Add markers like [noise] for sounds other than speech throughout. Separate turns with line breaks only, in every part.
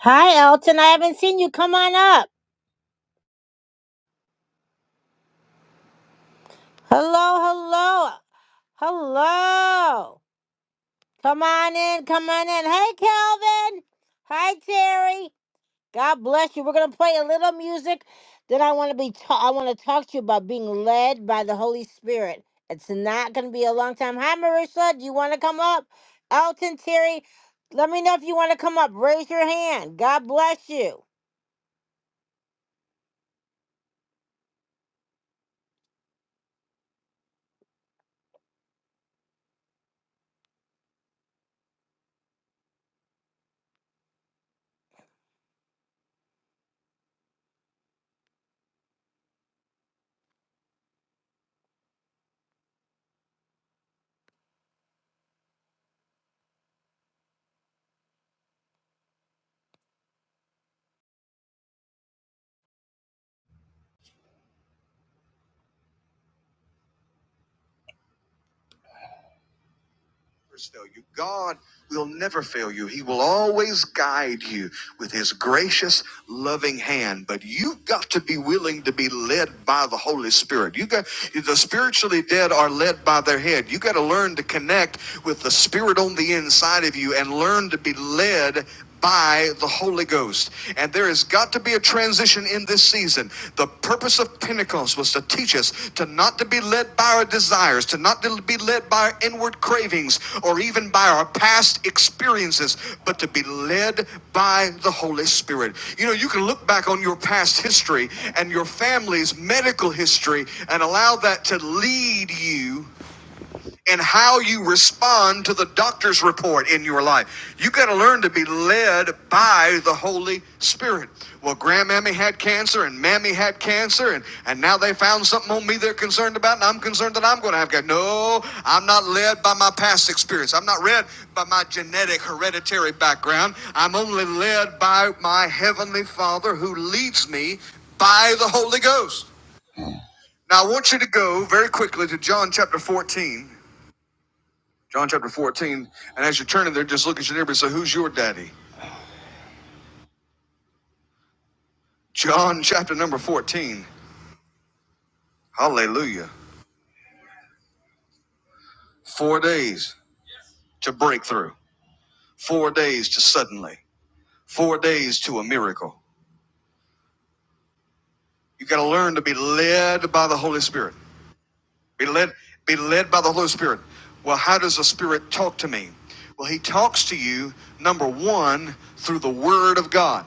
Hi, Elton. I haven't seen you. Come on up. Hello, hello, hello. Come on in. Come on in. Hey, Calvin. Hi, Terry. God bless you. We're gonna play a little music. Then I want to be. Ta- I want to talk to you about being led by the Holy Spirit. It's not gonna be a long time. Hi, Marissa. Do you want to come up? Elton, Terry. Let me know if you want to come up. Raise your hand. God bless you. fail you. God will never fail you. He will always guide you with his gracious, loving hand. But you've got to be willing to be led by the Holy Spirit. You got the spiritually dead are led by their head. You got to learn to connect with the spirit on the inside of you and learn to be led by the Holy Ghost. And there has got to be a transition in this season. The purpose of Pentecost was to teach us to not to be led by our desires, to not to be led by our inward cravings or even by our past experiences, but to be led by the Holy Spirit. You know, you can look back on your past history and your family's medical history and allow that to lead you and how you respond to the doctor's report in your life. You got to learn to be led by the Holy Spirit. Well, grandmammy had cancer and mammy had cancer and, and now they found something on me they're concerned about and I'm concerned that I'm going to have cancer. No, I'm not led by my past experience. I'm not led by my genetic hereditary background. I'm only led by my heavenly Father who leads me by the Holy Ghost. Now I want you to go very quickly to John chapter 14 John chapter 14. And as you're turning there, just look at your neighbor and say, Who's your daddy? John [laughs] chapter number 14. Hallelujah. Four days to breakthrough, four days to suddenly, four days to a miracle. You got to learn to be led by the Holy Spirit. Be led, be led by the Holy Spirit. Well, how does the Spirit talk to me? Well, He talks to you, number one, through the Word of God.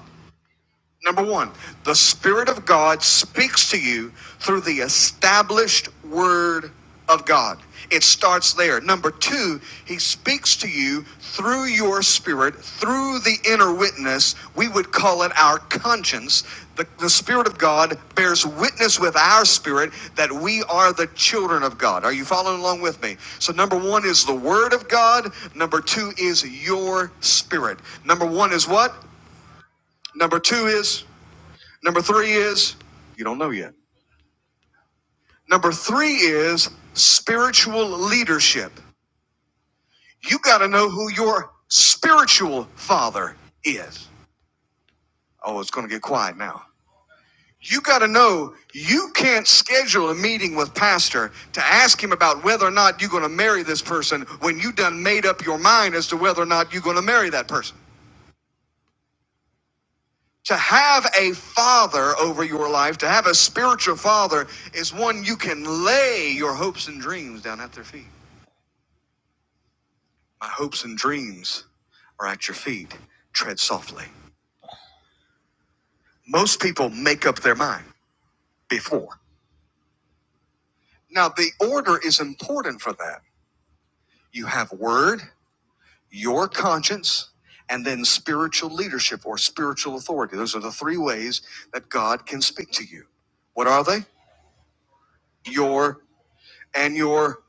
Number one, the Spirit of God speaks to you through the established Word of God. It starts there. Number two, He speaks to you through your spirit, through the inner witness. We would call it our conscience. The, the Spirit of God bears witness with our spirit that we are the children of God. Are you following along with me? So, number one is the Word of God. Number two is your spirit. Number one is what? Number two is. Number three is, you don't know yet. Number three is spiritual leadership. You got to know who your spiritual father is. Oh, it's going to get quiet now. You got to know you can't schedule a meeting with pastor to ask him about whether or not you're going to marry this person when you done made up your mind as to whether or not you're going to marry that person. To have a father over your life, to have a spiritual father, is one you can lay your hopes and dreams down at their feet. My hopes and dreams are at your feet. Tread softly. Most people make up their mind before. Now, the order is important for that. You have word, your conscience, and then spiritual leadership or spiritual authority. Those are the three ways that God can speak to you. What are they? Your and your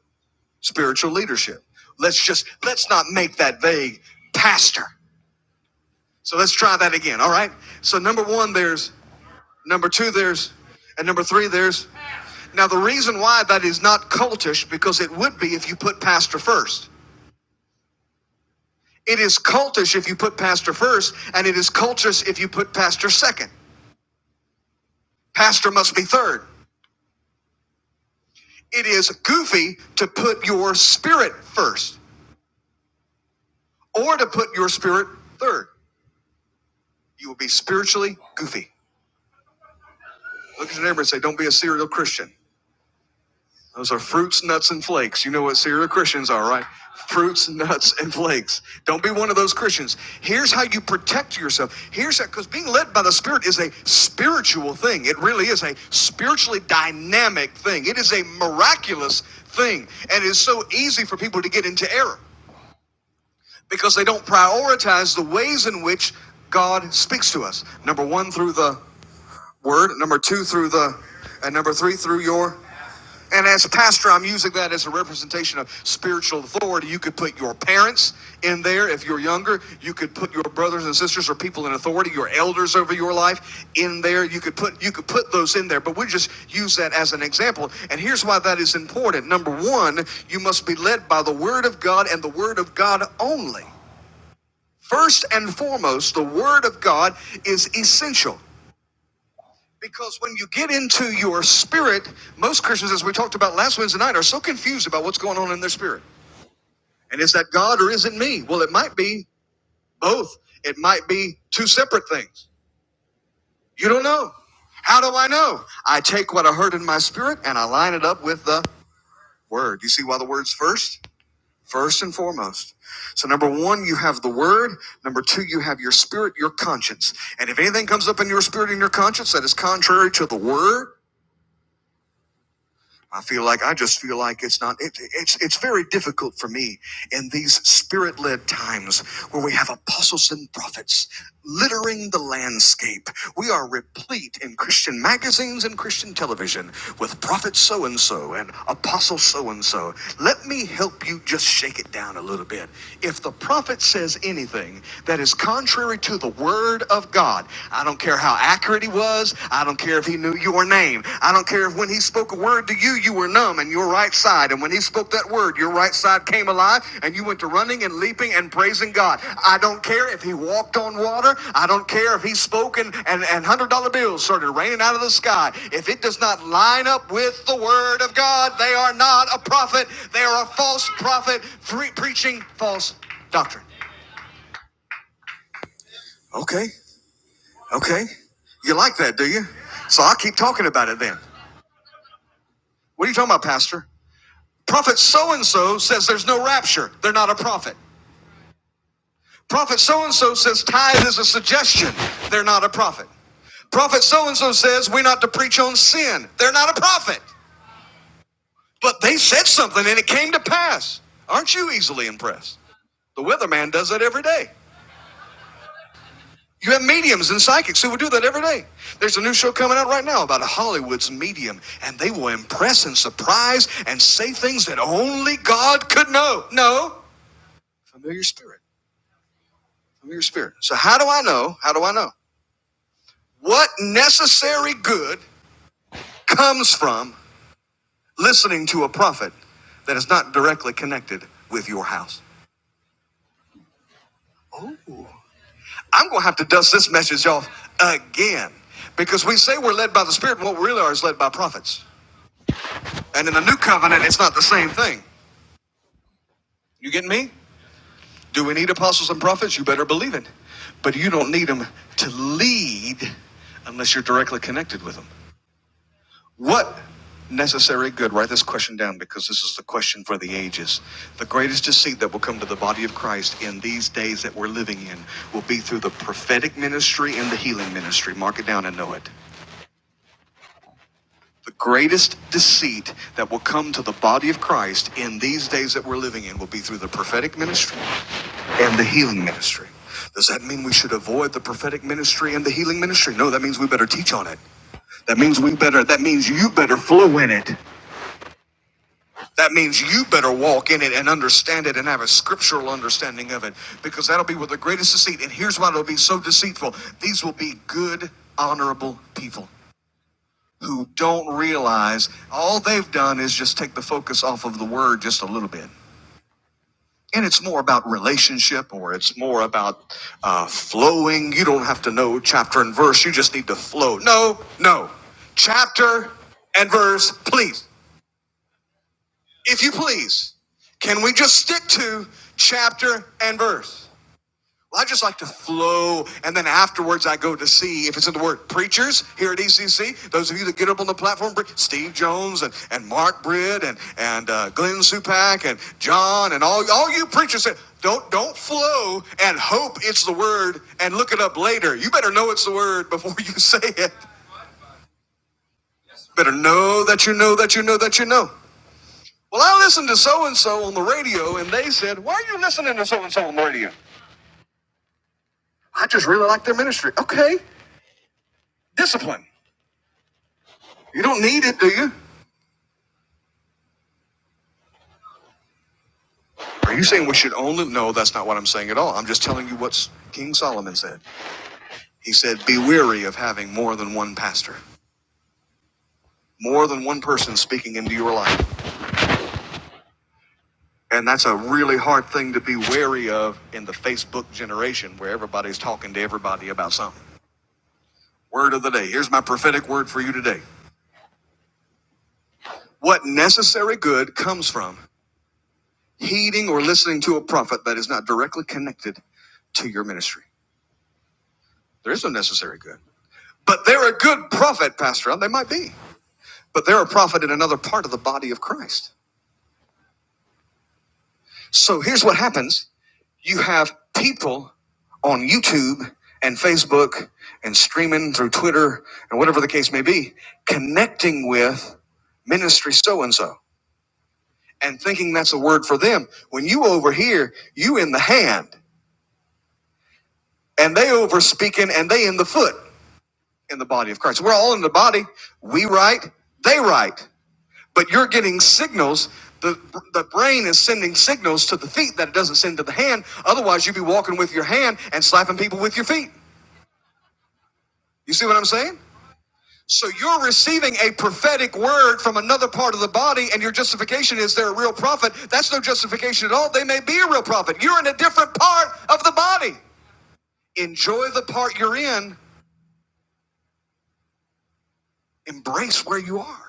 spiritual leadership. Let's just, let's not make that vague, Pastor. So let's try that again, all right? So, number one, there's Number two, there's, and number three, there's. Now, the reason why that is not cultish, because it would be if you put pastor first. It is cultish if you put pastor first, and it is cultish if you put pastor second. Pastor must be third. It is goofy to put your spirit first or to put your spirit third. You will be spiritually goofy. Look at your neighbor and say, Don't be a serial Christian. Those are fruits, nuts, and flakes. You know what serial Christians are, right? Fruits, nuts, and flakes. Don't be one of those Christians. Here's how you protect yourself. Here's that, because being led by the Spirit is a spiritual thing. It really is a spiritually dynamic thing. It is a miraculous thing. And it's so easy for people to get into error because they don't prioritize the ways in which God speaks to us. Number one, through the word. Number two, through the, and number three, through your and as a pastor, I'm using that as a representation of spiritual authority. You could put your parents in there if you're younger. You could put your brothers and sisters or people in authority, your elders over your life in there. You could put you could put those in there, but we just use that as an example. And here's why that is important. Number 1, you must be led by the word of God and the word of God only. First and foremost, the word of God is essential. Because when you get into your spirit, most Christians, as we talked about last Wednesday night, are so confused about what's going on in their spirit. And is that God or is it me? Well, it might be both. It might be two separate things. You don't know. How do I know? I take what I heard in my spirit and I line it up with the word. You see why the word's first? First and foremost. So, number one, you have the word. Number two, you have your spirit, your conscience. And if anything comes up in your spirit and your conscience that is contrary to the word, I feel like I just feel like it's not. It, it's it's very difficult for me in these spirit-led times where we have apostles and prophets littering the landscape. We are replete in Christian magazines and Christian television with prophet so and so and apostle so and so. Let me help you just shake it down a little bit. If the prophet says anything that is contrary to the word of God, I don't care how accurate he was. I don't care if he knew your name. I don't care if when he spoke a word to you, you were numb and your right side. And when he spoke that word, your right side came alive and you went to running and leaping and praising God. I don't care if he walked on water. I don't care if he spoke and, and, and $100 bills started raining out of the sky. If it does not line up with the word of God, they are not a prophet. They are a false prophet pre- preaching false doctrine. Okay. Okay. You like that, do you? So I'll keep talking about it then. What are you talking about, Pastor? Prophet so and so says there's no rapture. They're not a prophet. Prophet so and so says tithe is a suggestion. They're not a prophet. Prophet so and so says we're not to preach on sin. They're not a prophet. But they said something and it came to pass. Aren't you easily impressed? The weatherman does that every day. You have mediums and psychics who would do that every day. There's a new show coming out right now about a Hollywood's medium, and they will impress and surprise and say things that only God could know. No. Familiar spirit. Familiar spirit. So, how do I know? How do I know? What necessary good comes from listening to a prophet that is not directly connected with your house? I'm going to have to dust this message off again because we say we're led by the Spirit, and what we really are is led by prophets. And in the new covenant, it's not the same thing. You getting me? Do we need apostles and prophets? You better believe it. But you don't need them to lead unless you're directly connected with them. What necessary good? Write this question down because this is the question for the ages. The greatest deceit that will come to the body of Christ in these days that we're living in will be through the prophetic ministry and the healing ministry. Mark it down and know it. The greatest deceit that will come to the body of Christ in these days that we're living in will be through the prophetic ministry and the healing ministry. Does that mean we should avoid the prophetic ministry and the healing ministry? No, that means we better teach on it. That means we better, that means you better flow in it. That means you better walk in it and understand it and have a scriptural understanding of it because that'll be with the greatest deceit. And here's why it'll be so deceitful these will be good, honorable people who don't realize all they've done is just take the focus off of the word just a little bit. and it's more about relationship or it's more about uh, flowing. You don't have to know chapter and verse, you just need to flow. No, no. Chapter and verse, please. If you please, can we just stick to chapter and verse? Well, I just like to flow, and then afterwards I go to see if it's in the word preachers here at ECC. Those of you that get up on the platform, Steve Jones and, and Mark Britt and and uh, Glenn Supak and John and all all you preachers say, don't don't flow and hope it's the word and look it up later. You better know it's the word before you [laughs] say it. Better know that you know that you know that you know. Well, I listened to so and so on the radio, and they said, "Why are you listening to so and so on the radio?" I just really like their ministry. Okay, discipline. You don't need it, do you? Are you saying we should own it? No, that's not what I'm saying at all. I'm just telling you what King Solomon said. He said, Be weary of having more than one pastor, more than one person speaking into your life. And that's a really hard thing to be wary of in the Facebook generation where everybody's talking to everybody about something. Word of the day. Here's my prophetic word for you today. What necessary good comes from heeding or listening to a prophet that is not directly connected to your ministry? There is no necessary good. But they're a good prophet, Pastor. They might be. But they're a prophet in another part of the body of Christ. So here's what happens you have people on YouTube and Facebook and streaming through Twitter and whatever the case may be, connecting with ministry so and so and thinking that's a word for them. When you over here, you in the hand and they over speaking and they in the foot in the body of Christ. We're all in the body. We write, they write. but you're getting signals. The, the brain is sending signals to the feet that it doesn't send to the hand. Otherwise, you'd be walking with your hand and slapping people with your feet. You see what I'm saying? So you're receiving a prophetic word from another part of the body, and your justification is they're a real prophet. That's no justification at all. They may be a real prophet. You're in a different part of the body. Enjoy the part you're in, embrace where you are.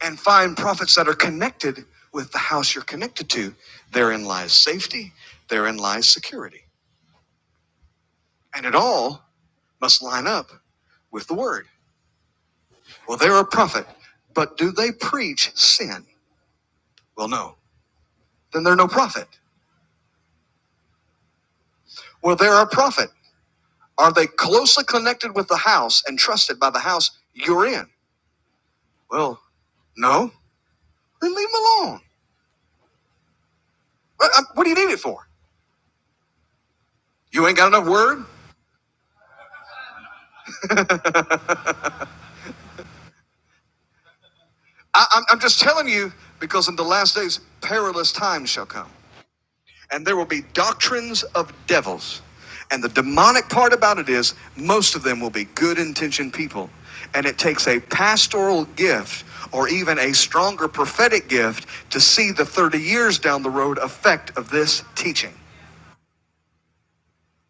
and find prophets that are connected with the house you're connected to. Therein lies safety, therein lies security. And it all must line up with the word. Well, they're a prophet, but do they preach sin? Well, no. Then they're no prophet. Well, they're a prophet. Are they closely connected with the house and trusted by the house you're in? Well, no. Then leave them alone. What, uh, what do you need it for? You ain't got enough word? I, I'm, I'm just telling you because in the last days, perilous times shall come. And there will be doctrines of devils. And the demonic part about it is most of them will be good intentioned people. And it takes a pastoral gift or even a stronger prophetic gift to see the 30 years down the road effect of this teaching.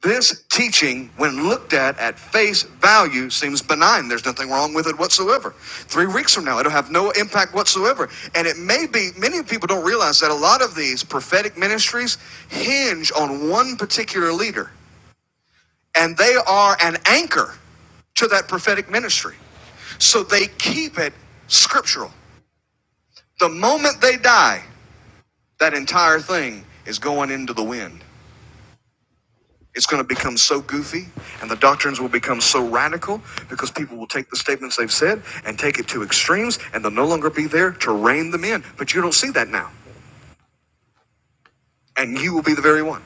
This teaching, when looked at at face value, seems benign. There's nothing wrong with it whatsoever. Three weeks from now, it'll have no impact whatsoever. And it may be, many people don't realize that a lot of these prophetic ministries hinge on one particular leader, and they are an anchor to that prophetic ministry. So they keep it scriptural. The moment they die, that entire thing is going into the wind. It's going to become so goofy, and the doctrines will become so radical because people will take the statements they've said and take it to extremes, and they'll no longer be there to rein them in. But you don't see that now, and you will be the very one.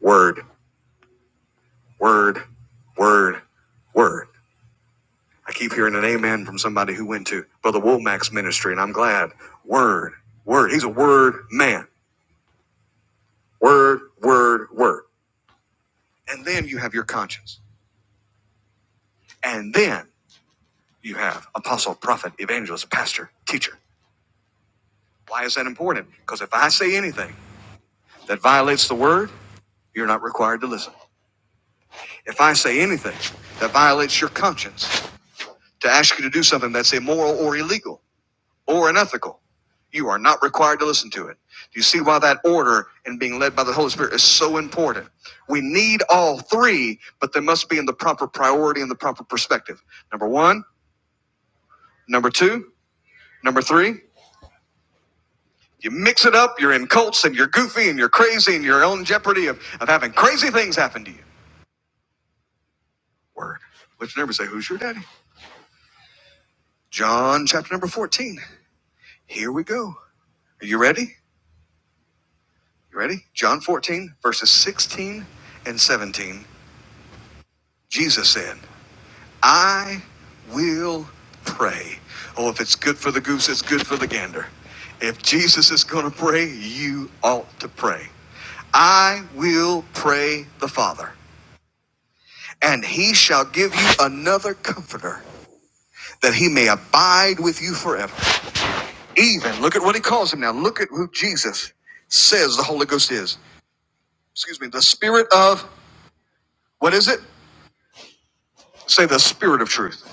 Word, word, word, word. I keep hearing an amen from somebody who went to Brother Womack's ministry, and I'm glad. Word, word. He's a word man. Word, word, word. And then you have your conscience, and then you have apostle, prophet, evangelist, pastor, teacher. Why is that important? Because if I say anything that violates the word, you're not required to listen. If I say anything that violates your conscience to ask you to do something that's immoral or illegal or unethical, you are not required to listen to it. Do you see why that order and being led by the Holy Spirit is so important? We need all three, but they must be in the proper priority and the proper perspective. Number one, number two, number three. You mix it up, you're in cults and you're goofy and you're crazy and you're in jeopardy of, of having crazy things happen to you. Word. Lift your neighbor and say, Who's your daddy? John chapter number 14. Here we go. Are you ready? You ready? John 14, verses 16 and 17. Jesus said, I will pray. Oh, if it's good for the goose, it's good for the gander. If Jesus is going to pray, you ought to pray. I will pray the Father. And he shall give you another comforter that he may abide with you forever. Even, look at what he calls him now. Look at who Jesus says the Holy Ghost is. Excuse me, the spirit of, what is it? Say the spirit of truth.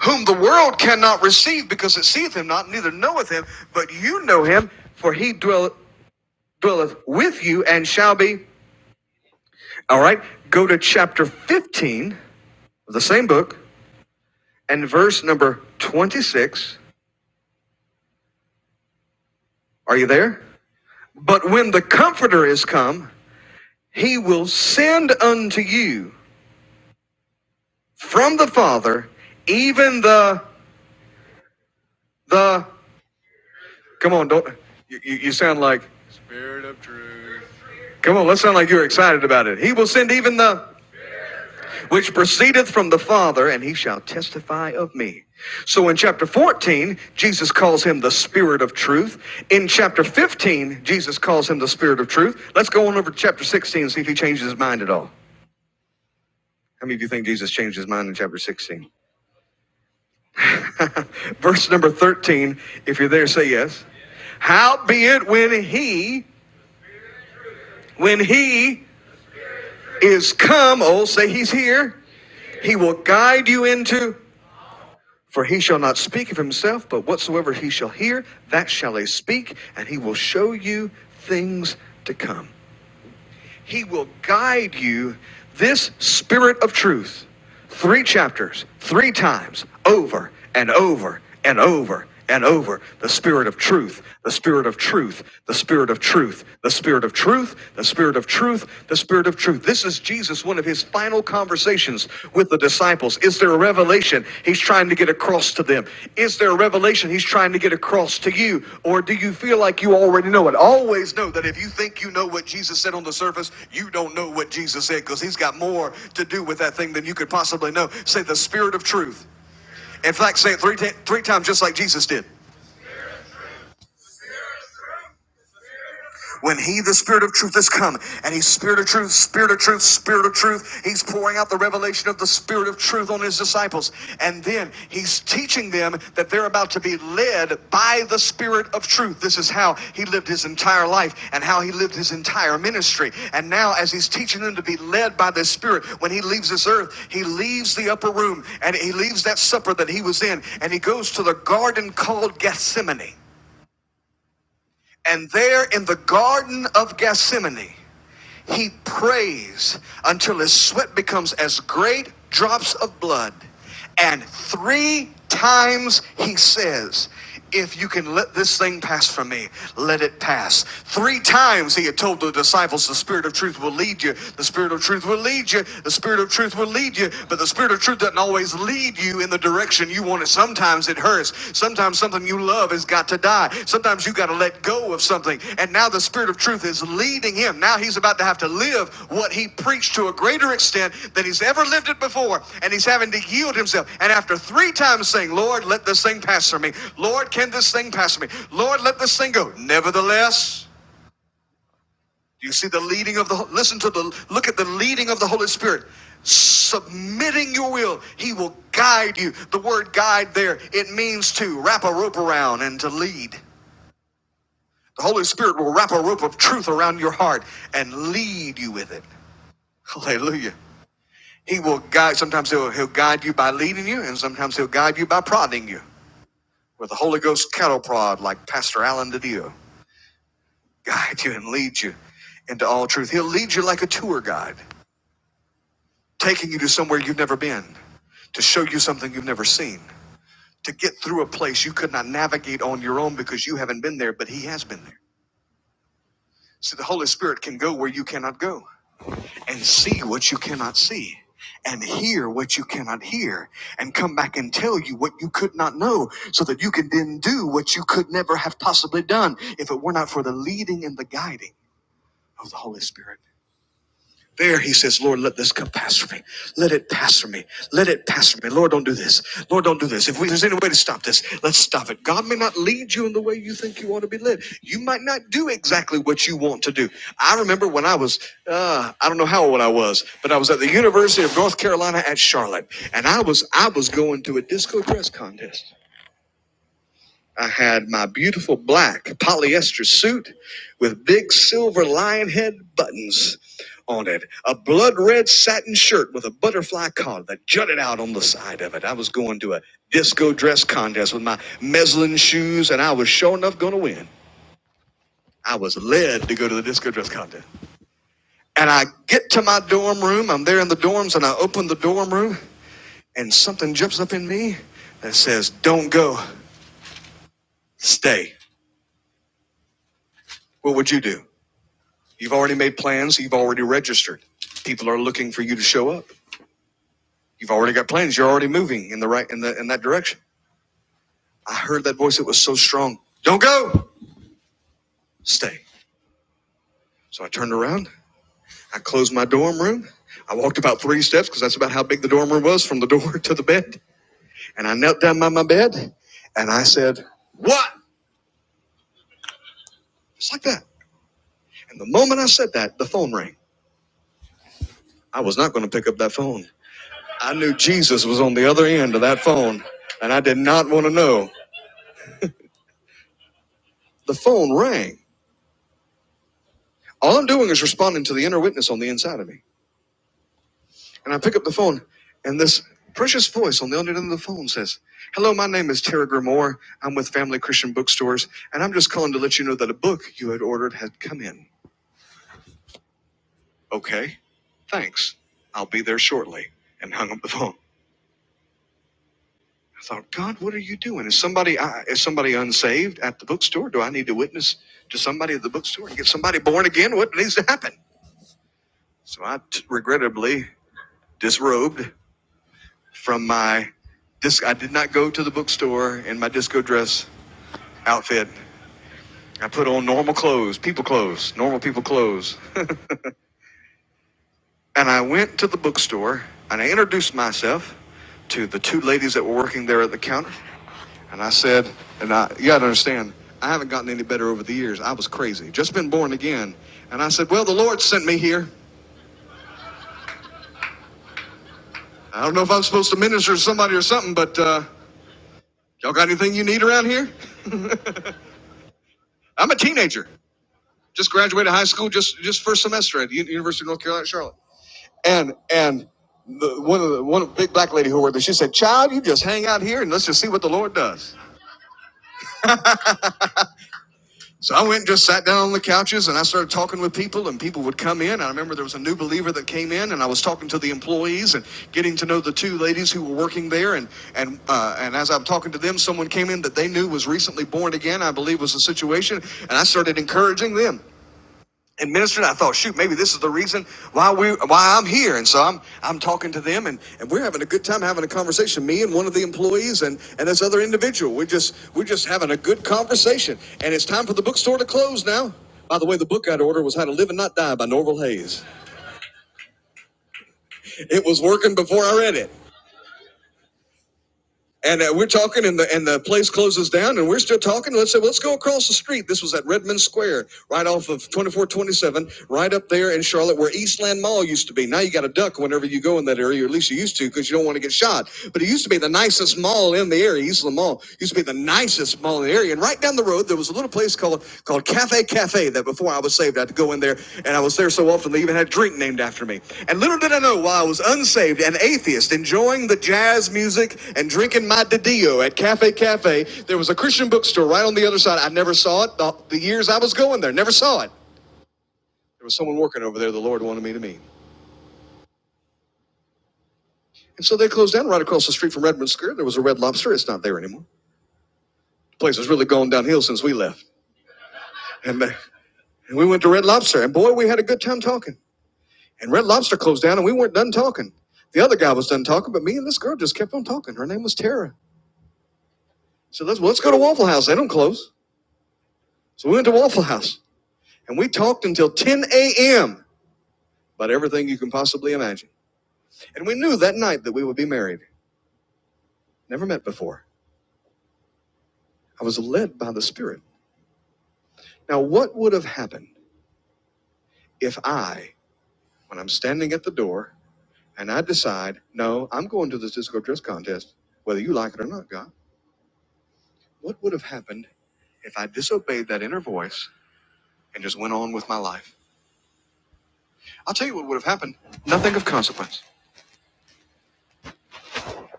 Whom the world cannot receive because it seeth him not, neither knoweth him, but you know him, for he dwell, dwelleth with you and shall be. All right, go to chapter 15 of the same book and verse number 26. Are you there? But when the Comforter is come, he will send unto you from the Father even the the. Come on, don't you, you sound like Spirit of Truth. Come on, let's sound like you're excited about it. He will send even the which proceedeth from the Father, and he shall testify of me. So in chapter 14, Jesus calls him the Spirit of Truth. In chapter 15, Jesus calls him the Spirit of Truth. Let's go on over to chapter 16 and see if he changes his mind at all. How many of you think Jesus changed his mind in chapter 16? [laughs] Verse number 13, if you're there, say yes. Howbeit when he, when he is come, oh, say he's here, he will guide you into, for he shall not speak of himself, but whatsoever he shall hear, that shall he speak, and he will show you things to come. He will guide you. This spirit of truth, three chapters, three times, over and over and over and over. The spirit of truth, the spirit of truth, the spirit of truth, the spirit of truth, the spirit of truth, the spirit of truth. This is Jesus, one of his final conversations conversations with the disciples? Is there a revelation he's trying to get across to them? Is there a revelation he's trying to get across to you? Or do you feel like you already know it? Always know that if you think you know what Jesus said on the surface, you don't know what Jesus said because he's got more to do with that thing than you could possibly know. Say the spirit of truth. In fact, say it three, ta- three times just like Jesus did. When he, the spirit of truth, has come, and he's spirit of truth, spirit of truth, spirit of truth, he's pouring out the revelation of the spirit of truth on his disciples. And then he's teaching them that they're about to be led by the spirit of truth. This is how he lived his entire life and how he lived his entire ministry. And now, as he's teaching them to be led by this spirit, when he leaves this earth, he leaves the upper room and he leaves that supper that he was in and he goes to the garden called Gethsemane. And there in the Garden of Gethsemane, he prays until his sweat becomes as great drops of blood. And three times he says, If you can let this thing pass from me, let it pass. Three times he had told the disciples, The Spirit of truth will lead you. The Spirit of truth will lead you. The Spirit of truth will lead you. But the Spirit of truth doesn't always lead you in the direction direction you want it. Sometimes it hurts. Sometimes something you love has got to die. Sometimes you got to let go of something. And now the Spirit of truth is leading him. Now he's about to have to live what he preached to a greater extent than he's ever lived it before. And he's having to yield himself. And after three times saying, Lord, let this thing pass from me. Lord, can this thing pass from me? Lord, let this thing go. Nevertheless, do you see the leading of the listen to the look at the leading of the Holy Spirit? Submitting your will, He will guide you. The word guide there, it means to wrap a rope around and to lead. The Holy Spirit will wrap a rope of truth around your heart and lead you with it. Hallelujah. He will guide, sometimes he'll, he'll guide you by leading you, and sometimes he'll guide you by prodding you with the Holy Ghost cattle prod, like Pastor Alan Didio. Guide you and lead you into all truth. He'll lead you like a tour guide. taking you to somewhere you've never been, to show you something you've never seen, to get through a place you could not navigate on your own because you haven't been there, but He has been there. See, the Holy Spirit can go where you cannot go and see what you cannot see and hear what you cannot hear and come back and tell you what you could not know so that you can then do what you could never have possibly done if it were not for the leading and the guiding of the Holy Spirit. There he says, Lord, let this come pass for me. Let it pass for me. Let it pass for me. Lord, don't do this. Lord, don't do this. If we, there's any way to stop this, let's stop it. God may not lead you in the way you think you ought to be led. You might not do exactly what you want to do. I remember when I was, uh, I don't know how old I was, but I was at the University of North Carolina at Charlotte, and I was I was going to a disco dress contest. I had my beautiful black polyester suit with big silver lion head buttons on it, a blood red satin shirt with a butterfly collar that jutted out on the side of it. I was going to a disco dress contest with my meslin shoes, and I was sure enough going to win. I was led to go to the disco dress contest. And I get to my dorm room, I'm there in the dorms, and I open the dorm room, and something jumps up in me that says, Don't go, stay. What would you do? You've already made plans. You've already registered. People are looking for you to show up. You've already got plans. You're already moving in the right in the in that direction. I heard that voice. It was so strong. Don't go. Stay. So I turned around. I closed my dorm room. I walked about three steps because that's about how big the dorm room was from the [laughs] door to the bed. And I knelt down by my bed and I said, What? Just like that. And the moment I said that, the phone rang. I was not going to pick up that phone. I knew Jesus was on the other end of that phone and I did not want to know. The phone rang. All I'm doing is responding to the inner witness on the inside of me. And I pick up the phone, and this precious voice on the other end of the phone says, Hello, my name is Terry Grimoire. I'm with Family Christian Bookstores, and I'm just calling to let you know that a book you had ordered had come in. Okay, thanks. I'll be there shortly. And hung up the phone. I thought, God, what are you doing? Is somebody I- is somebody unsaved at the bookstore? Do I need to witness to somebody at the bookstore and get somebody born again? What needs to happen? So I t- regrettably disrobed from my disc. I did not go to the bookstore in my disco dress outfit. I put on normal clothes, people clothes, normal people clothes. [laughs] and I went to the bookstore and I introduced myself to the two ladies that were working there at the counter. And I said, and I, you gotta understand, I haven't gotten any better over the years. I was crazy, just been born again. And I said, well, the Lord sent me here. I don't know if I'm supposed to minister to somebody or something, but uh, y'all got anything you need around here? I'm a teenager. just graduated high school just just first semester at University of North Carolina at Charlotte. And and the, one of the one of the big black lady who worked there, she said, "Child, you just hang out here and let's just see what the Lord does." So I went and just sat down on the couches and I started talking with people and people would come in. I remember there was a new believer that came in and I was talking to the employees and getting to know the two ladies who were working there. And and uh, and as I'm talking to them, someone came in that they knew was recently born again. I believe was the situation, and I started encouraging them. and ministered. I thought, shoot, maybe this is the reason why we why I'm here. And so I'm I'm talking to them, and, and we're having a good time having a conversation. Me and one of the employees and and this other individual. We're just we're just having a good conversation. And it's time for the bookstore to close now. By the way, the book I'd ordered was How to Live and Not Die by Norval Hayes. It was working before I read it. And uh, we're talking, and the and the place closes down, and we're still talking. Let's say, well, let's go across the street. This was at Redmond Square, right off of 2427, right up there in Charlotte, where Eastland Mall used to be. Now you got to duck whenever you go in that area, or at least you used to, because you don't want to get shot. But it used to be the nicest mall in the area. Eastland Mall used to be the nicest mall in the area, and right down the road, there was a little place called called Cafe Cafe that before I was saved, I had to go in there, and I was there so often they even had a drink named after me. And little did I know, while I was unsaved and atheist, enjoying the jazz music and drinking my Didio at Cafe Cafe, there was a Christian bookstore right on the other side. I never saw it the, the years I was going there, never saw it. There was someone working over there the Lord wanted me to meet. And so they closed down right across the street from Redmond Square. There was a Red Lobster. It's not there anymore. The place has really gone downhill since we left. And, uh, and we went to Red Lobster, and boy, we had a good time talking. And Red Lobster closed down, and we weren't done talking. The other guy was done talking, but me and this girl just kept on talking. Her name was Tara. So let's well, let's go to Waffle House. They don't close. So we went to Waffle House, and we talked until 10 a.m. about everything you can possibly imagine. And we knew that night that we would be married. Never met before. I was led by the Spirit. Now, what would have happened if I, when I'm standing at the door, and I decide, no, I'm going to this disco dress contest, whether you like it or not, God? What would have happened if I disobeyed that inner voice? and just went on with my life. I'll tell you what would have happened. Nothing of consequence.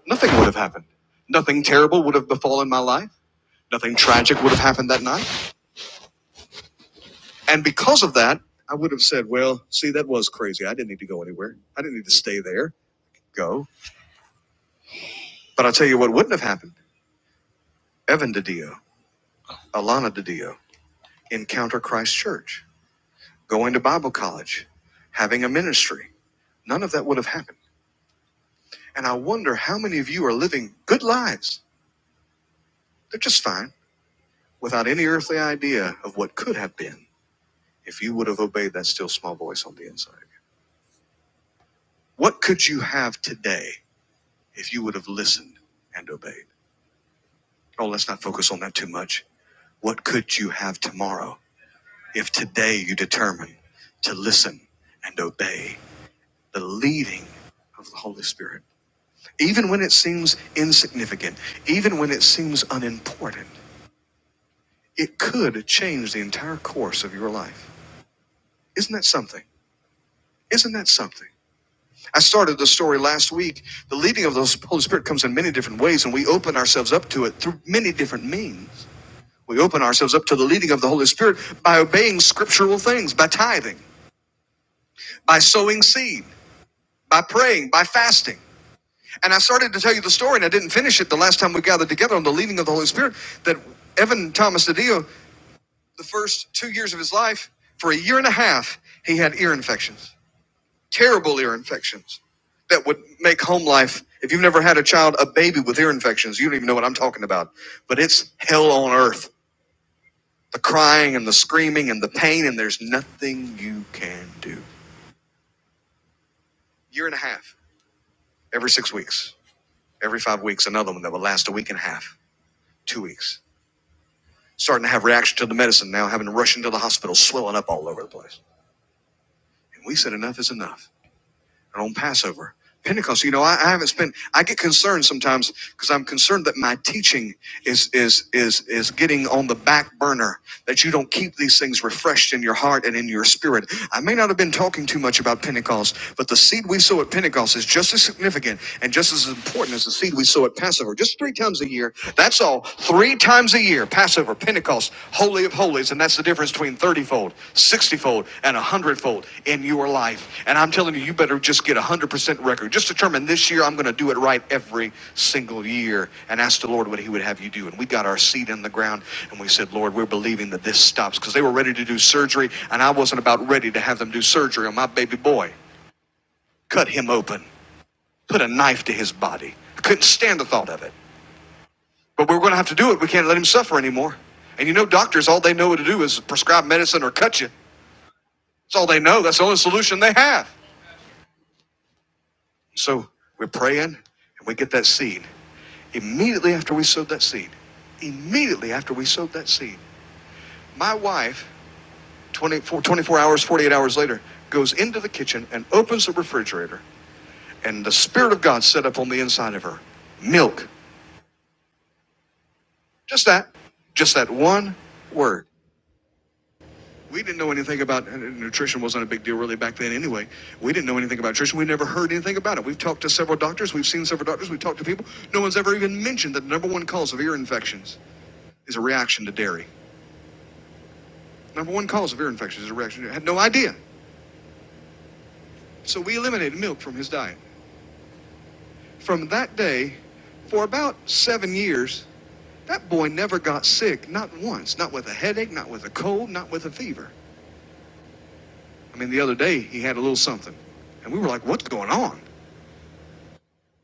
Nothing would have happened. Nothing terrible would have befallen my life. Nothing tragic would have happened that night. And because of that, I would have said, well, see, that was crazy. I didn't need to go anywhere. I didn't need to stay there. Go. But I'll tell you what wouldn't have happened. Evan DiDio, Alana DiDio, Encounter Christ Church, going to Bible college, having a ministry. None of that would have happened. And I wonder how many of you are living good lives. They're just fine without any earthly idea of what could have been if you would have obeyed that still small voice on the inside of you. What could you have today if you would have listened and obeyed? Oh, let's not focus on that too much. What could you have tomorrow if today you determine to listen and obey the leading of the Holy Spirit? Even when it seems insignificant, even when it seems unimportant, it could change the entire course of your life. Isn't that something? Isn't that something? I started the story last week. The leading of the [laughs] Holy Spirit comes in many different ways, and we open ourselves up to it through many different means. We open ourselves up to the leading of the Holy Spirit by obeying scriptural things, by tithing, by sowing seed, by praying, by fasting. And I started to tell you the story, and I didn't finish it the last time we gathered together on the leading of the Holy Spirit that Evan Thomas DeDio, the first two years of his life, for a year and a half, he had ear infections. terrible ear infections that would make home life. If you've never had a child, a baby with ear infections, you don't even know what I'm talking about. But it's hell on earth. The crying and the screaming and the pain, and there's nothing you can do. Year and a half, every six weeks, every five weeks, another one that would last a week and a half, two weeks. Starting to have reaction to the medicine now, having to rush into the hospital, swelling up all over the place. And we said enough is enough. and on Passover. Pentecost, you know, I, I haven't spent. I get concerned sometimes because I'm concerned that my teaching is is is is getting on the back burner. That you don't keep these things refreshed in your heart and in your spirit. I may not have been talking too much about Pentecost, but the seed we sow at Pentecost is just as significant and just as important as the seed we sow at Passover. Just three times a year. That's all. Three times a year year, Passover, Pentecost, Holy of Holies, and that's the difference between 30 fold, 60 fold, and 100 fold in your life. And I'm telling you, you better just get a 100% record. Just determine this year, I'm going to do it right every single year and ask the Lord what He would have you do. And we got our seed in the ground and we said, Lord, we're believing that this stops because they were ready to do surgery, and I wasn't about ready to have them do surgery on my baby boy. Cut him open, put a knife to his body. I couldn't stand the thought of it. But we're going to have to do it. We can't let him suffer anymore. And you know, doctors, all they know what to do is prescribe medicine or cut you. That's all they know. That's the only solution they have. So we're praying and we get that seed. Immediately after we sowed that seed, immediately after we sowed that seed, my wife, 24, 24 hours, 48 hours later, goes into the kitchen and opens the refrigerator. And the Spirit of God set up on the inside of her milk. Just that. Just that one word. We didn't know anything about uh, nutrition wasn't a big deal really back then anyway. We didn't know anything about nutrition. We never heard anything about it. We've talked to several doctors. We've seen several doctors. We've talked to people. No one's ever even mentioned that the number one cause of ear infections is a reaction to dairy. Number one cause of ear infections is a reaction. to dairy. Had no idea. So we eliminated milk from his diet. From that day, for about seven years, that boy never got sick. Not once. Not with a headache. Not with a cold. Not with a fever. I mean, the other day he had a little something, and we were like, "What's going on?"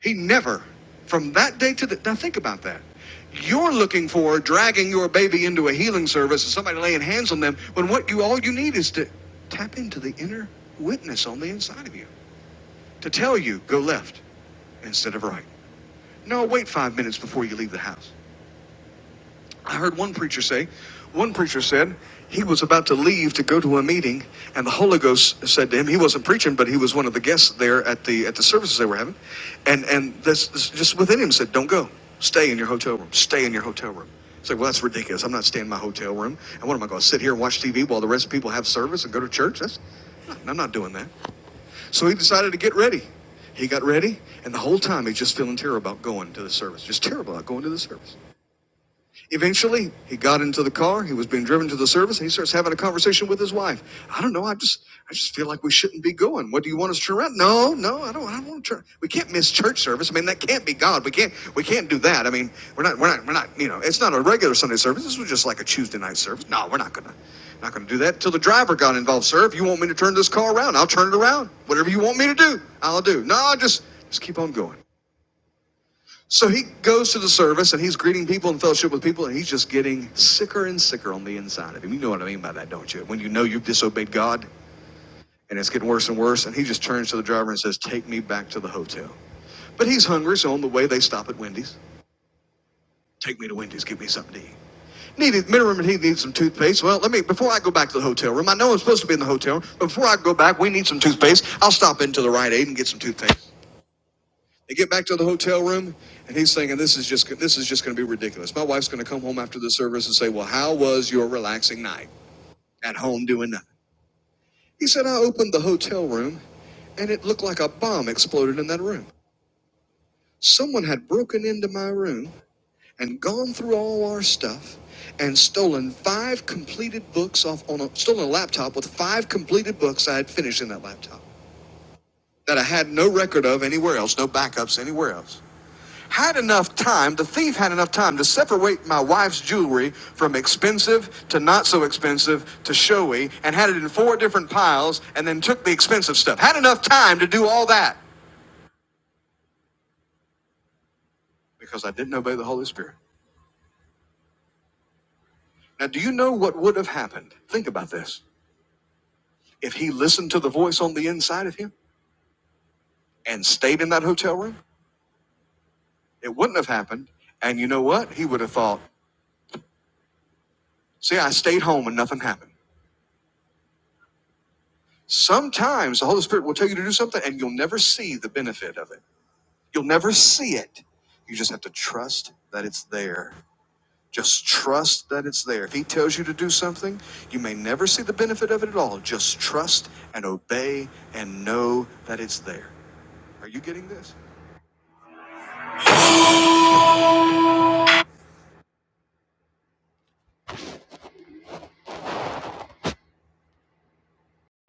He never, from that day to the, now think about that. You're looking for dragging your baby into a healing service and somebody laying hands on them when what you, all you need is to tap into the inner witness on the inside of you to tell you, go left instead of right. No, wait five minutes before you leave the house. I heard one preacher say, one preacher said he was about to leave to go to a meeting, and the Holy Ghost said to him, he wasn't preaching, but he was one of the guests there at the at the services they were having, and and this, this just within him said, don't go, stay in your hotel room, stay in your hotel room. It's like, well, that's ridiculous. I'm not staying in my hotel room. And what am I going to sit here and watch TV while the rest of people have service and go to church? That's, I'm not doing that. So he decided to get ready. He got ready, and the whole time he's just feeling terrible about going to the service. Just terrible about going to the service. Eventually, he got into the car. He was being driven to the service, and he starts having a conversation with his wife. I don't know. I just, I just feel like we shouldn't be going. What do you want us to turn around? No, no, I don't. I don't want to turn. We can't miss church service. I mean, that can't be God. We can't, we can't do that. I mean, we're not, we're not, we're not. You know, it's not a regular Sunday service. This was just like a Tuesday night service. No, we're not gonna, not gonna do that. Till the driver got involved. Sir, if you want me to turn this car around, I'll turn it around. Whatever you want me to do, I'll do. No, just, just keep on going. So he goes to the service and he's greeting people and fellowship with people, and he's just getting sicker and sicker on the inside of him. You know what I mean by that, don't you? When you know you've disobeyed God and it's getting worse and worse, and he just turns to the driver and says, Take me back to the hotel. But he's hungry, so on the way they stop at Wendy's. Take me to Wendy's, give me something to eat. Needed minimum he needs some toothpaste. Well, let me before I go back to the hotel room, I know I'm supposed to be in the hotel, room, but before I go back, we need some toothpaste. I'll stop into the Rite Aid and get some toothpaste. They get back to the hotel room, and he's thinking, "This is just this is just going to be ridiculous." My wife's going to come home after the service and say, "Well, how was your relaxing night at home doing nothing?" He said, "I opened the hotel room, and it looked like a bomb exploded in that room. Someone had broken into my room and gone through all our stuff." And stolen five completed books off on a stolen a laptop with five completed books I had finished in that laptop that I had no record of anywhere else, no backups anywhere else. had enough time, the thief had enough time to separate my wife's jewelry from expensive to not so expensive to showy and had it in four different piles and then took the expensive stuff. Had enough time to do all that because I didn't obey the Holy Spirit. Now, do you know what would have happened? Think about this. If he listened to the voice on the inside of him and stayed in that hotel room, it wouldn't have happened. And you know what? He would have thought, see, I stayed home and nothing happened. Sometimes the Holy Spirit will tell you to do something and you'll never see the benefit of it. You'll never see it. You just have to trust that it's there. Just trust that it's there. If he tells you to do something, you may never see the benefit of it at all. Just trust and obey and know that it's there. Are you getting this?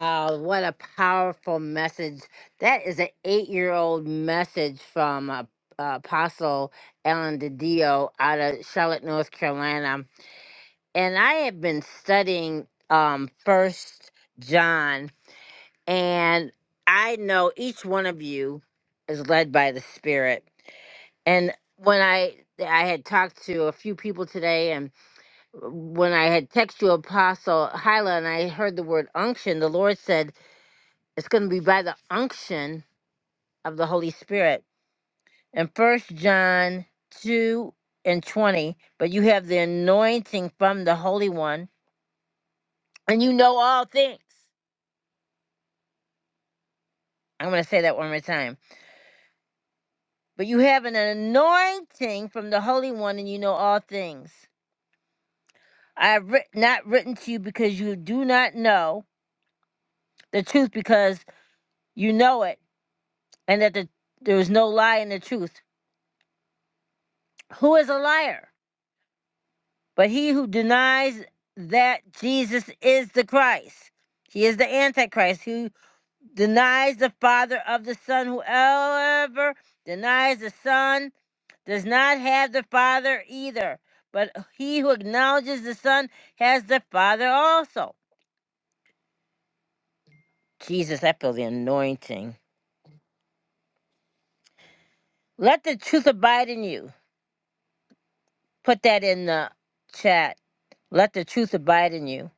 Wow, what a powerful message. That is an eight year old message from uh, uh, Apostle Ellen DiDio out of Charlotte, North Carolina. And I have been studying um, First John And I know each one of you is led by the Spirit. And when I I had talked to a few people today, and when I had texted you, Apostle Hyla, and I heard the word unction, the Lord said it's going to be by the unction of the Holy Spirit. In First John two and twenty, but you have the anointing from the Holy One, and you know all things. I'm going to say that one more time but you have an anointing from the Holy One, and you know all things. I have writ- not written to you because you do not know the truth, because you know it, and that the, there is no lie in the truth. Who is a liar? But he who denies that Jesus is the Christ. He is the Antichrist, Who? denies the Father of the Son. Whoever denies the Son does not have the Father either. But he who acknowledges the Son has the Father also. Jesus, I feel the anointing. Let the truth abide in you. Put that in the chat. Let the truth abide in you.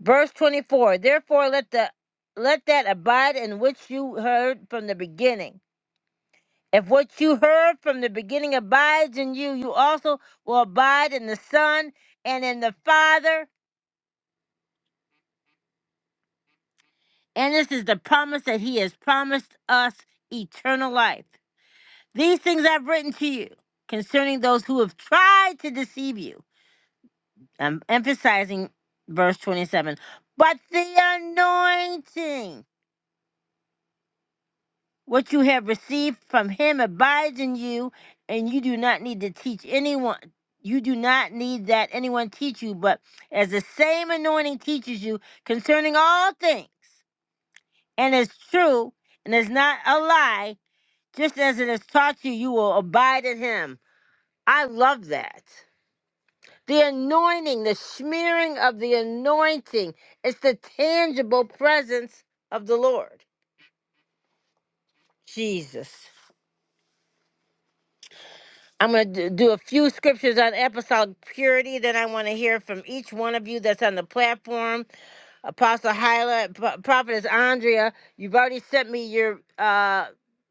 Verse 24. Therefore let the let that abide in which you heard from the beginning. If what you heard from the beginning abides in you, you also will abide in the Son and in the Father. And this is the promise that He has promised us eternal life. These things I've written to you concerning those who have tried to deceive you. I'm emphasizing verse 27. But the anointing. What you have received from him abides in you, and you do not need to teach anyone. You do not need that anyone teach you, but as the same anointing teaches you concerning all things, and is true, and is not a lie, just as it is taught you, you will abide in him. I love that. The anointing, the smearing of the anointing, it's the tangible presence of the Lord. Jesus. I'm going to do a few scriptures on apostolic purity. Then I want to hear from each one of you that's on the platform. Apostle Hyla, Pro- Prophetess Andrea, you've already sent me your uh,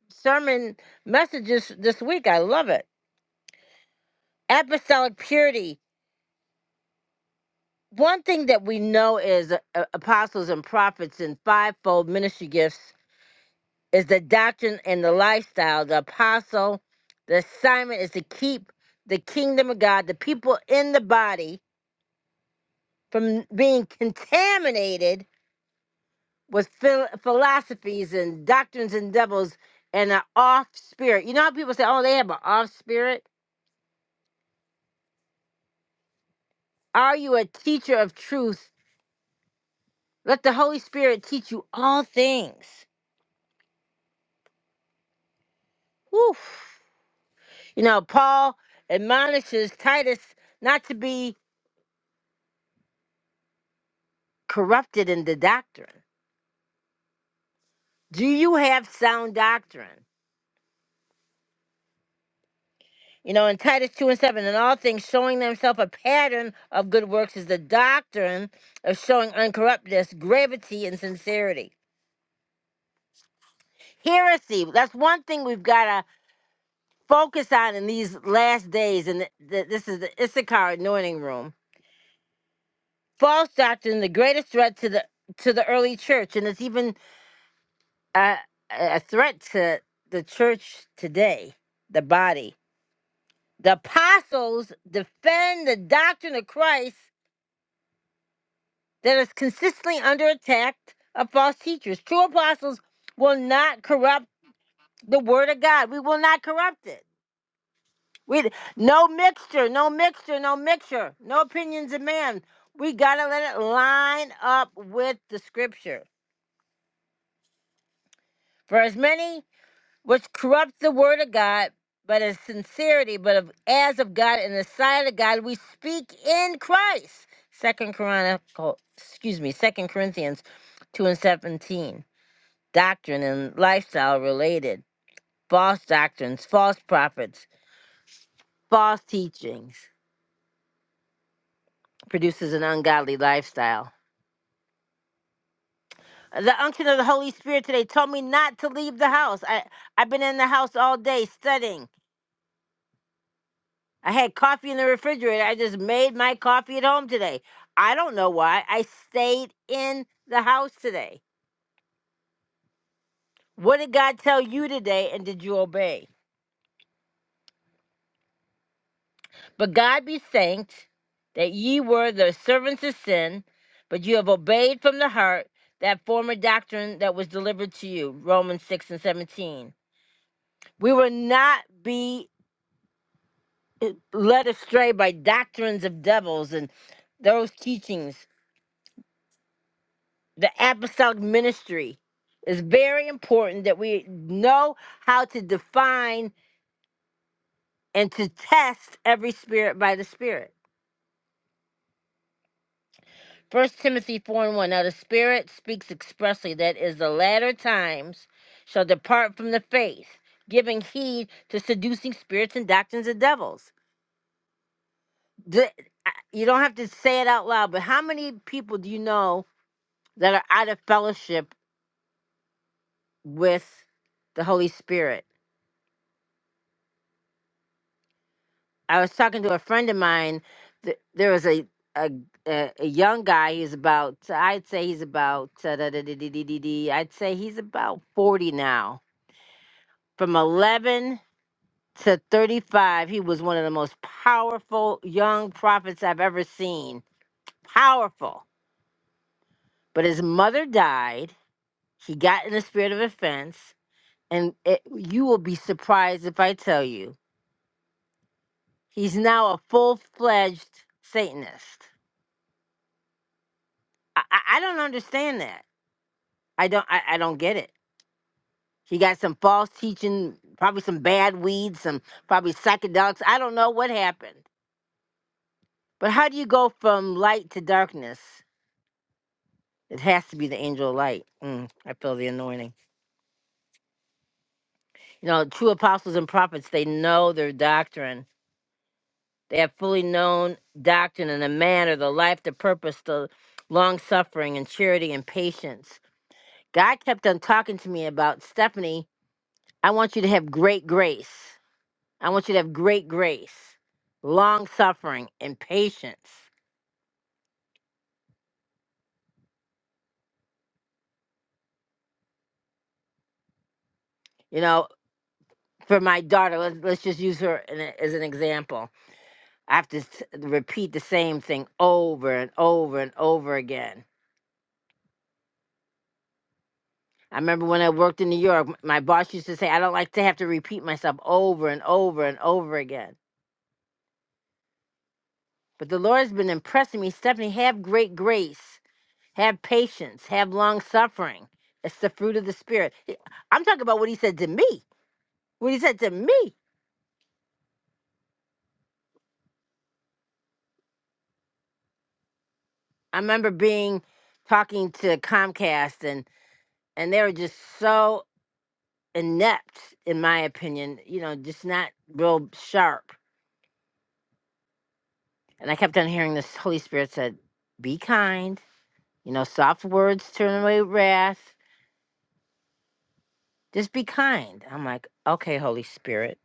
sermon messages this week. I love it. Apostolic purity. One thing that we know is uh, uh, apostles and prophets and fivefold ministry gifts is the doctrine and the lifestyle. The apostle, the assignment is to keep the kingdom of God, the people in the body from being contaminated with phil- philosophies and doctrines and devils and an off spirit. You know how people say, oh, they have an off spirit? Are you a teacher of truth? Let the Holy Spirit teach you all things. Woof. You know, Paul admonishes Titus not to be corrupted in the doctrine. Do you have sound doctrine? You know, in Titus 2 and 7, in all things, showing themselves a pattern of good works is the doctrine of showing uncorruptness, gravity, and sincerity. Heresy, that's one thing we've got to focus on in these last days, and th- th- this is the Issachar anointing room. False doctrine, the greatest threat to the to the early church, and it's even a, a threat to the church today, the body. The apostles defend the doctrine of Christ that is consistently under attack of false teachers. True apostles will not corrupt the word of God. We will not corrupt it. We no mixture, no mixture, no mixture, no opinions of man. We gotta let it line up with the scripture. For as many which corrupt the word of God, but as sincerity, but of, as of God in the sight of God, we speak in Christ. Second Chronicle, excuse me, Second Corinthians two and seventeen. doctrine and lifestyle related, false doctrines, false prophets, false teachings produces an ungodly lifestyle. The unction of the Holy Spirit today told me not to leave the house. I, I've been in the house all day studying. I had coffee in the refrigerator. I just made my coffee at home today. I don't know why. I stayed in the house today. What did God tell you today and did you obey? But God be thanked that ye were the servants of sin, but you have obeyed from the heart that former doctrine that was delivered to you. Romans 6 and 17. We will not be eh, led astray by doctrines of devils and those teachings. The apostolic ministry is very important that we know how to define and to test every spirit by the Spirit. First Timothy four and one. Now the Spirit speaks expressly that is the latter times shall depart from the faith, giving heed to seducing spirits and doctrines of devils. D- I- You don't have to say it out loud, but how many people do you know that are out of fellowship with the Holy Spirit? I was talking to a friend of mine. th- There was a a, a, a young guy. He's about I'd say he's about uh, da- da- da- da- da- da- da- I'd say he's about forty now From 11 to 35, he was one of the most powerful young prophets I've ever seen. Powerful. But his mother died. He got in a spirit of offense. And it, you will be surprised if I tell you he's now a full fledged Satanist. I, I, I don't understand that. I don't. I, I don't get it. He got some false teaching, probably some bad weeds, some probably psychedelics. I don't know what happened. But how do you go from light to darkness? It has to be the angel of light. Mm, I feel the anointing. You know, true apostles and prophets, they know their doctrine. They have fully known doctrine and the manner, the life, the purpose, the long suffering and charity and patience. God kept on talking to me about Stephanie, I want you to have great grace. I want you to have great grace, long suffering and patience. You know, for my daughter, let's, let's just use her in a- as an example I have to s- repeat the same thing over and over and over again. I remember when I worked in New York, m- my boss used to say, I don't like to have to repeat myself over and over and over again. But the Lord has been impressing me, Stephanie, have great grace, have patience, have long suffering. It's the fruit of the Spirit. He- I'm talking about what he said to me. What he said to me. I remember being talking to Comcast and and they were just so inept, in my opinion, you know, just not real sharp. And I kept on hearing this Holy Spirit said, Be kind, you know, soft words turn away wrath. Just be kind. I'm like, okay, Holy Spirit.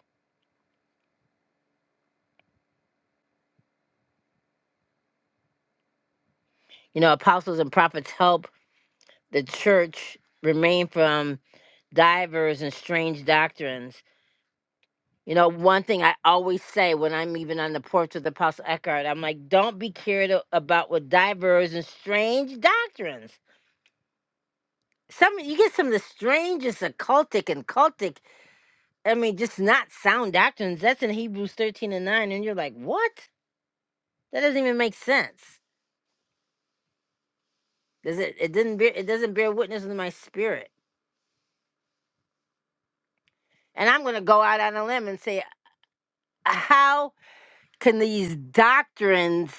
You know, apostles and prophets help the church remain from divers and strange doctrines. You know, one thing I always say when I'm even on the porch with Apostle Eckhart, I'm like, don't be carried a- about with divers and strange doctrines. some you get some of the strangest occultic and cultic i mean just not sound doctrines that's in hebrews 13 and 9 and you're like what that doesn't even make sense does it it didn't bear it doesn't bear witness to my spirit and i'm going to go out on a limb and say how can these doctrines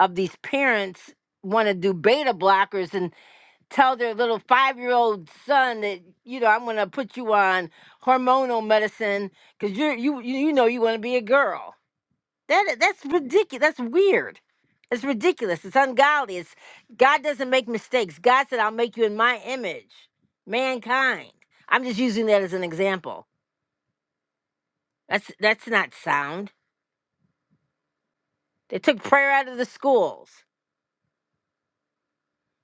of these parents want to do beta blockers and tell their little five-year-old son that you know i'm going to put you on hormonal medicine because you're you you you know you want to be a girl That that's ridiculous. That's weird. It's ridiculous. It's ungodly. It's God doesn't make mistakes. God said, "I'll make you in my image, mankind." I'm just using that as an example. That's that's not sound. They took prayer out of the schools,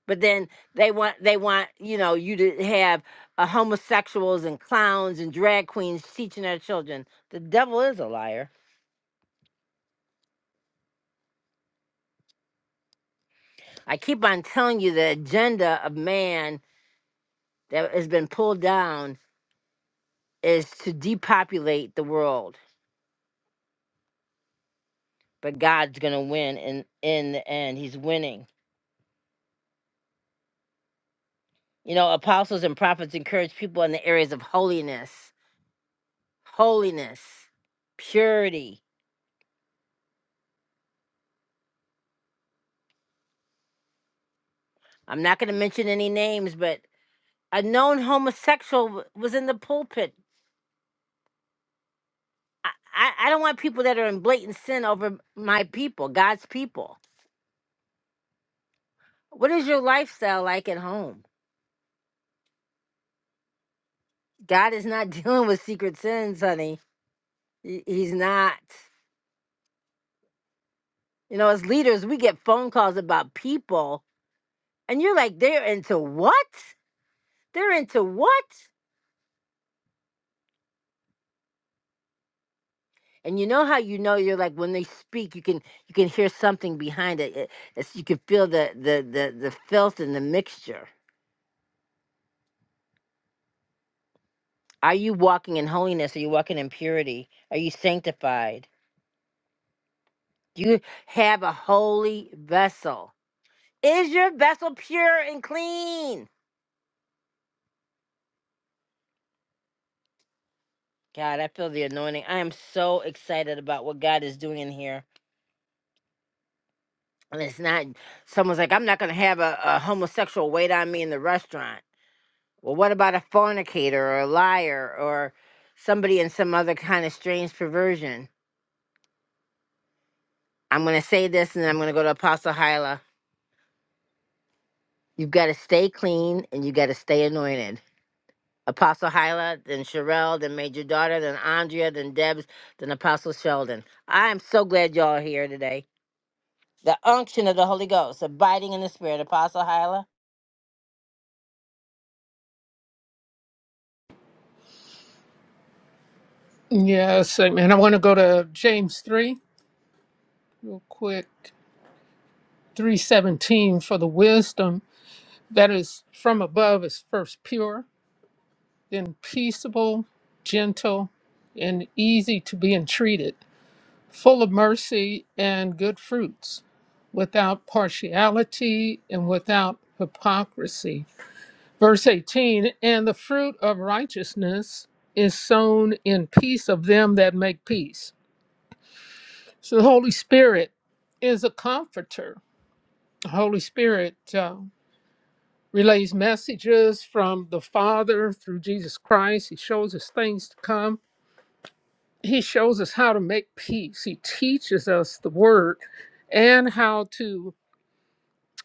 but then they want they want you know you to have uh, homosexuals and clowns and drag queens teaching our children. The devil is a liar. I keep on telling you the agenda of man that has been pulled down is to depopulate the world, but God's gonna win in in the end. He's winning. You know, apostles and prophets encourage people in the areas of holiness, holiness, purity. I'm not gonna mention any names, but a known homosexual w- was in the pulpit. I, I, I don't want people that are in blatant sin over my people, God's people. What is your lifestyle like at home? God is not [laughs] dealing with secret sins, honey. He- He's not. You know, as leaders, we get phone calls about people, and you're like, they're into what? They're into what? And you know how you know you're like when they speak, you can you can hear something behind it. it- it's, you can feel the, the the the filth and the mixture. Are you walking in holiness? Are you walking in purity? Are you sanctified? Do you have a holy vessel? Is your vessel pure and clean? God, I feel the anointing. I am so excited about what God is doing in here. And it's not someone's like, I'm not gonna have a, a homosexual wait on me in the restaurant. Well, what about a fornicator or a liar or somebody in some other kind of strange perversion? I'm gonna say this and then I'm gonna go to Apostle Hyla. You've gotta stay clean and you gotta stay anointed. Apostle Hyla, then Sherelle, then Major Daughter, then Andrea, then Debs, then Apostle Sheldon. I am so glad y'all are here today. The unction of the Holy Ghost, abiding in the Spirit, Apostle Hyla.
Yes, and I want to go to James 3 real quick. 317 for the wisdom that is from above is first pure, then peaceable, gentle, and easy to be entreated, full of mercy and good fruits, without partiality and without hypocrisy. Verse 18 And the fruit of righteousness is sown in peace of them that make peace So the Holy Spirit is a comforter. The Holy Spirit uh, relays messages from the Father through Jesus Christ. He shows us things to come. He shows us how to make peace. He teaches us the word and how to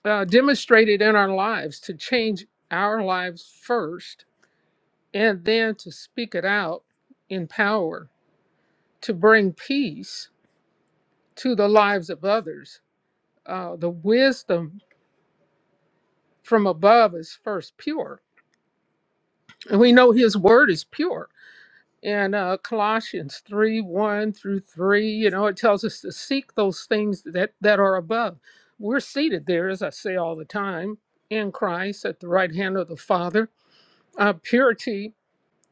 uh, demonstrate it in our lives, to change our lives first, and then to speak it out in power, to bring peace to the lives of others. Uh, the wisdom from above is first pure. And we know his word is pure. And uh, Colossians 3 1 through 3, you know, it tells us to seek those things that, that are above. We're seated there, as I say all the time, in Christ at the right hand of the Father. Uh, purity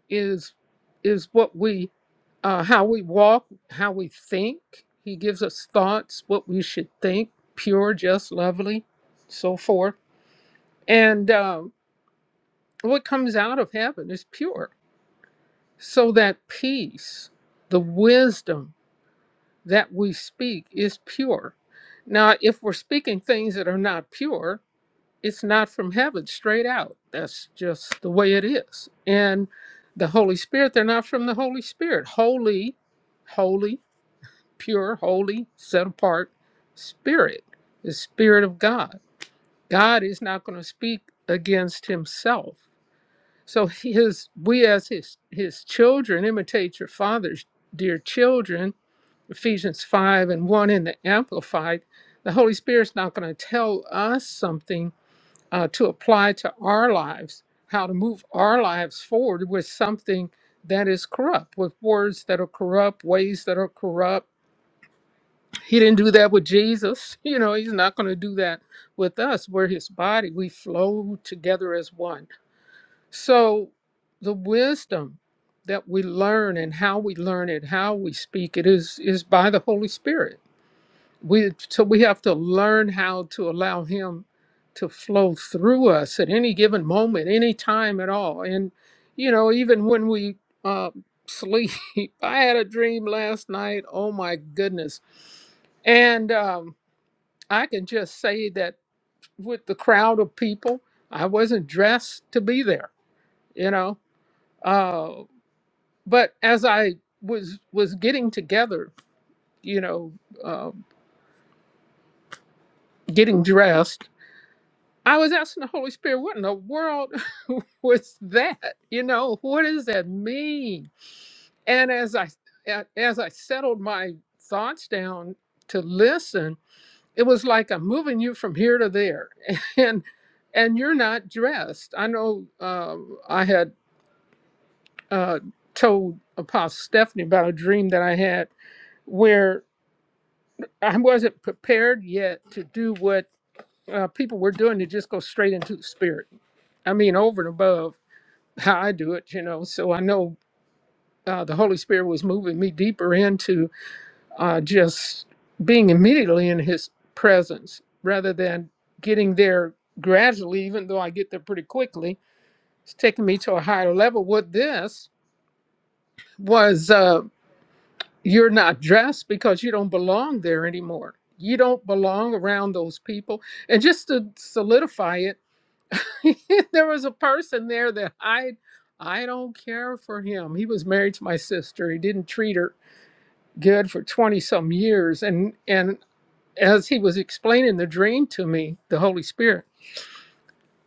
is is what we, uh, how we walk, how we think. He gives us thoughts, what we should think, pure, just, lovely, so forth. And um, what comes out of heaven is pure. So that peace, the wisdom that we speak is pure. Now, if we're speaking things that are not pure, it's not from heaven straight out. That's just the way it is. And the Holy Spirit, they're not from the Holy Spirit. Holy, holy, pure, holy, set apart Spirit, the Spirit of God. God is not going to speak against Himself So his we as his his children imitate your father's dear children, Ephesians five and one in the Amplified. The Holy Spirit's not going to tell us something uh, to apply to our lives, how to move our lives forward with something that is corrupt, with words that are corrupt, ways that are corrupt. He didn't do that with Jesus. [laughs] You know, he's not going to do that with us. We're his body. We flow together as one so the wisdom that we learn and how we learn it, how we speak it is is by the Holy Spirit. We so we have to learn how to allow him to flow through us at any given moment, any time at all. And you know, even when we uh, sleep, [laughs] I had a dream last night. Oh my goodness! And um, I can just say that with the crowd of people, I wasn't dressed to be there. You know, uh, but as I was was getting together, you know, uh, getting dressed, I was asking the Holy Spirit, "What in the world [laughs] was that? You know, what does that mean?" And as I a- as I settled my thoughts down to listen, it was like I'm moving you from here to there, [laughs] and and you're not dressed. I know um, I had uh, told Apostle Stephanie about a dream that I had where I wasn't prepared yet to do what uh, people were doing to just go straight into the Spirit. I mean, over and above how I do it, you know. So I know uh, the Holy Spirit was moving me deeper into uh, just being immediately in His presence rather than getting there gradually, even though I get there pretty quickly. It's taking me to a higher level. What this was. Uh, you're not dressed because you don't belong there anymore. You don't belong around those people. And just to solidify it, [laughs] there was a person there that I I don't care for him. He was married to my sister. He didn't treat her good for 20 some years and and as he was explaining the dream to me, the Holy Spirit,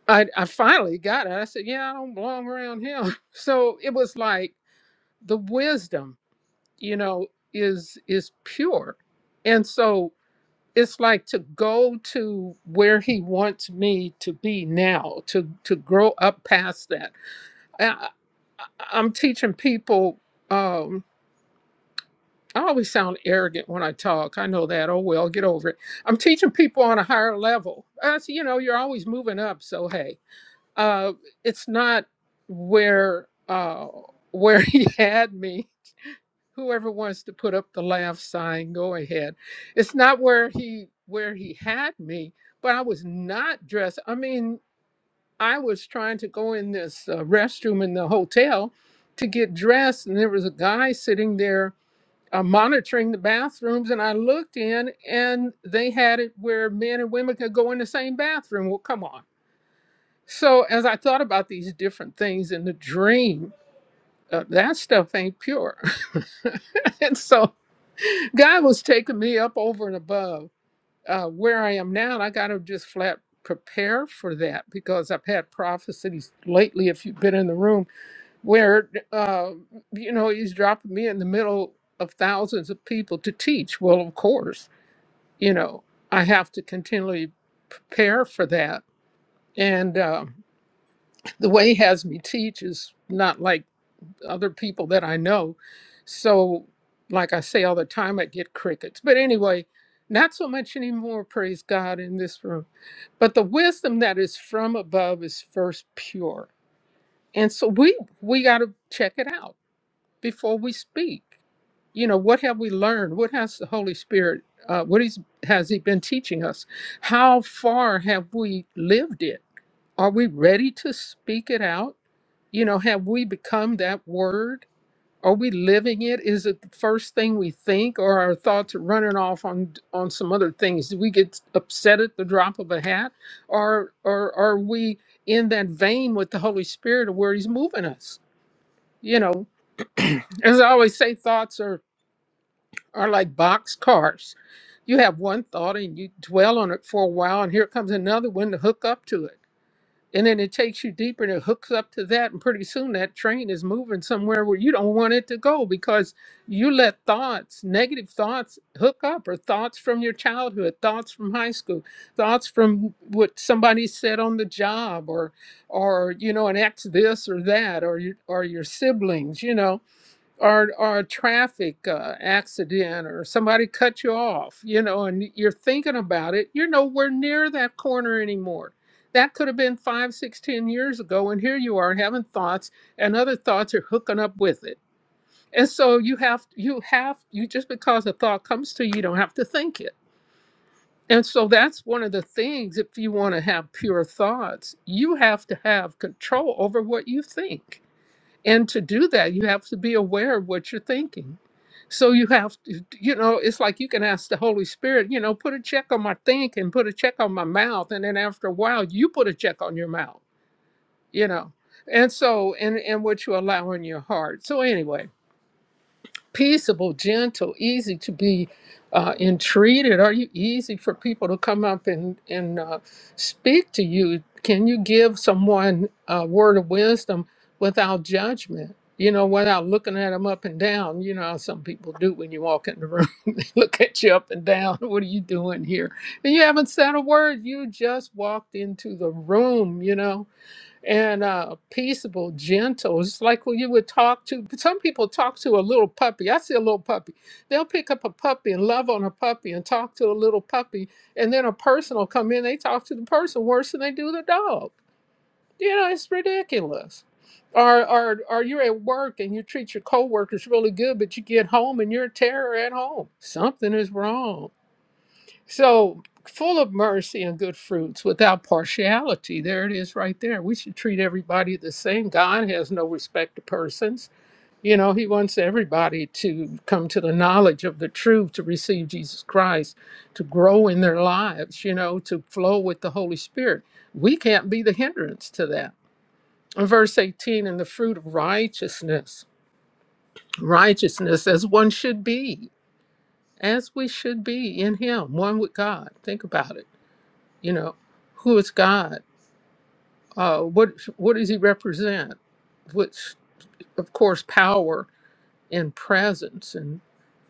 I, I finally got it. I said, Yeah, I don't belong around him. [laughs] So it was like the wisdom, you know, is is pure. And so it's like to go to where he wants me to be now to to grow up past that I, I, am teaching people um i always sound arrogant when i talk i know that oh well get over it i'm teaching people on a higher level as you know you're always moving up so hey uh it's not where uh where [laughs] he had me whoever wants to put up the laugh sign go ahead it's not where he where he had me but i was not dressed i mean i was trying to go in this uh, restroom in the hotel to get dressed and there was a guy sitting there uh, monitoring the bathrooms and i looked in and they had it where men and women could go in the same bathroom well come on so as i thought about these different things in the dream uh, that stuff ain't pure [laughs] and so God was taking me up over and above uh, where I am now. And I got to just flat prepare for that because I've had prophecies lately, if you've been in the room, where, uh, you know, he's dropping me in the middle of thousands of people to teach. Well, of course, you know, I have to continually prepare for that. And um the way he has me teach is not like other people that I know. So, like I say all the time, I get crickets. But anyway, not so much anymore, praise God, in this room. But the wisdom that is from above is first pure. And so we we got to check it out before we speak. You know, what have we learned? What has the Holy Spirit, uh, what is, has He been teaching us? How far have we lived it? Are we ready to speak it out? You know, have we become that word? Are we living it? Is it the first thing we think, or our thoughts are running off on on some other things? Do we get upset at the drop of a hat, or or are we in that vein with the Holy Spirit of where He's moving us? You know, as I always say, thoughts are are like box cars. You have one thought and you dwell on it for a while, and here comes another one to hook up to it and then it takes you deeper and it hooks up to that. And pretty soon that train is moving somewhere where you don't want it to go because you let thoughts, negative thoughts, hook up, or thoughts from your childhood, thoughts from high school, thoughts from what somebody said on the job, or, or you know, an ex this or that, or your, or your siblings, you know or or a traffic uh, accident or somebody cut you off, you know, and you're thinking about it, you're nowhere near that corner anymore. That could have been five, six, ten years ago, and here you are having thoughts, and other thoughts are hooking up with it. And so you have you have you just because a thought comes to you, you don't have to think it. And so that's one of the things if you want to have pure thoughts, you have to have control over what you think and to do that, you have to be aware of what you're thinking. So you have to, you know, it's like you can ask the Holy Spirit, you know, put a check on my think and put a check on my mouth. And then after a while, you put a check on your mouth, you know. And so, and, and what you allow in your heart. So, anyway, peaceable, gentle, easy to be uh, entreated? Are you easy for people to come up and, and uh, speak to you? Can you give someone a word of wisdom without judgment? You know, without looking at them up and down, you know how some people do when you walk in the room. [laughs] they look at you up and down. [laughs] What are you doing here? And you haven't said a word. You just walked into the room, you know? and uh, peaceable, gentle. It's like when you would talk to some people talk to a little puppy. I see a little puppy. They'll pick up a puppy and love on a puppy and talk to a little puppy, and then a person will come in. They talk to the person worse than they do the dog. You know, it's ridiculous. Or, or, or you're at work and you treat your coworkers really good, but you get home and you're a terror at home. Something is wrong. So, full of mercy and good fruits without partiality. There it is right there. We should treat everybody the same. God has no respect to persons. You know, He wants everybody to come to the knowledge of the truth, to receive Jesus Christ, to grow in their lives, you know, to flow with the Holy Spirit. We can't be the hindrance to that. In verse 18, and the fruit of righteousness, righteousness as one should be, as we should be in Him, one with God. Think about it you know, who is God? Uh, what what does He represent? Which, of course, power and presence, and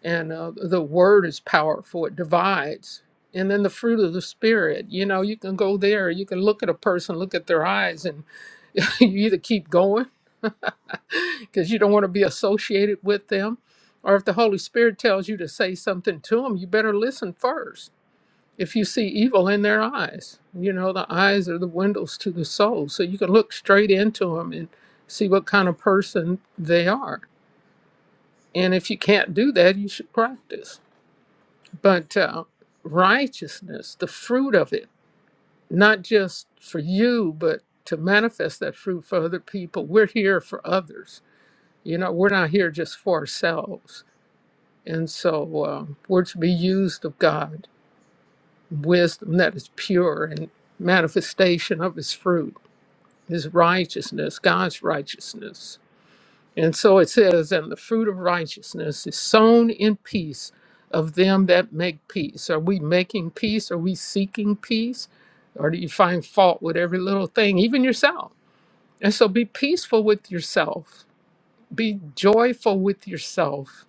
and uh, the Word is powerful. It divides, and then the fruit of the Spirit. You know, you can go there. You can look at a person, look at their eyes, and [laughs] you either keep going [laughs] because you don't want to be associated with them, or if the Holy Spirit tells you to say something to them, you better listen first if you see evil in their eyes. You know, the eyes are the windows to the soul. So you can look straight into them and see what kind of person they are. And if you can't do that, you should practice. But uh, righteousness, the fruit of it, not just for you, but to manifest that fruit for other people. We're here for others. You know, we're not here just for ourselves. And so um, we're to be used of God wisdom that is pure and manifestation of his fruit, his righteousness, God's righteousness. And so it says, and the fruit of righteousness is sown in peace of them that make peace. Are we making peace? Are we seeking peace? Or do you find fault with every little thing, even yourself? And so be peaceful with yourself, be joyful with yourself,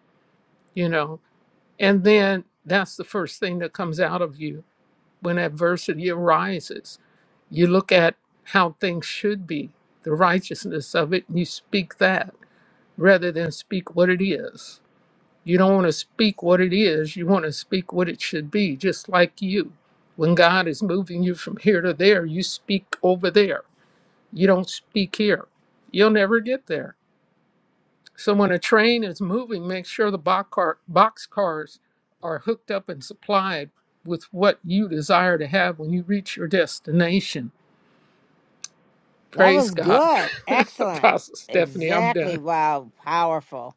you know, and then that's the first thing that comes out of you when adversity arises. You look at how things should be, the righteousness of it, and you speak that rather than speak what it is. You don't want to speak what it is, you want to speak what it should be, just like you. When God is moving you from here to there, you speak over there. You don't speak here. You'll never get there so when a train is moving, make sure the box, car, box cars are hooked up and supplied with what you desire to have when you reach your destination.
That
Praise
was
God.
good.
[laughs]
Excellent.
Apostle Stephanie, I'm
Exactly.
done.
Wow. Powerful.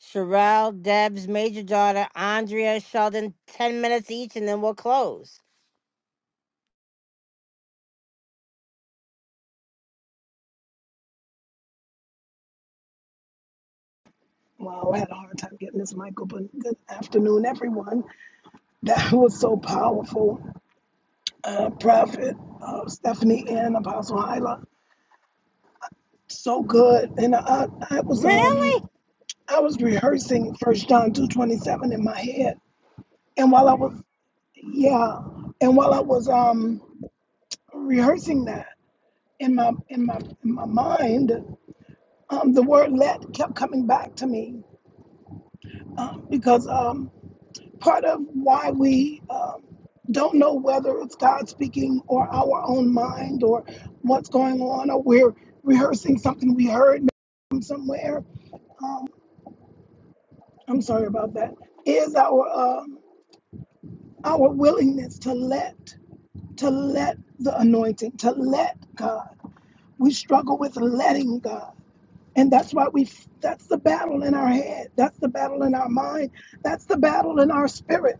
Sherelle, Deb's major daughter, Andrea, Sheldon, 10 minutes each, and then we'll close.
Wow, I had a hard time getting this mic open. Good afternoon, everyone. That [laughs] was so powerful. Uh, Prophet uh, Stephanie and Apostle Hyla, so good. And I, I was
Really?
um I was rehearsing First John two twenty seven in my head, and while I was yeah, and while I was um rehearsing that in my in my in my mind, um the word let kept coming back to me um, because um part of why we um, don't know whether it's God speaking or our own mind or what's going on, or we're rehearsing something we heard from somewhere. Um, I'm sorry about that. Is our um, our willingness to let to let the anointing to let God? We struggle with letting God. And that's why we, that's the battle in our head. That's the battle in our mind. That's the battle in our spirit.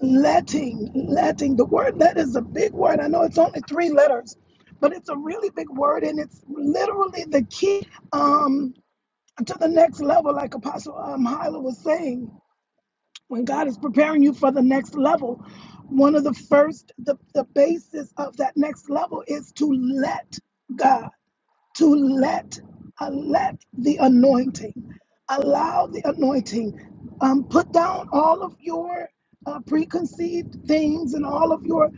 Letting, letting, the word let is a big word. I know it's only three letters, but it's a really big word and it's literally the key um, to the next level, like Apostle um, Hyla was saying. When God is preparing you for the next level, one of the first, the, the basis of that next level is to let God to let uh, let the anointing allow the anointing um, put down all of your uh, preconceived things and all of your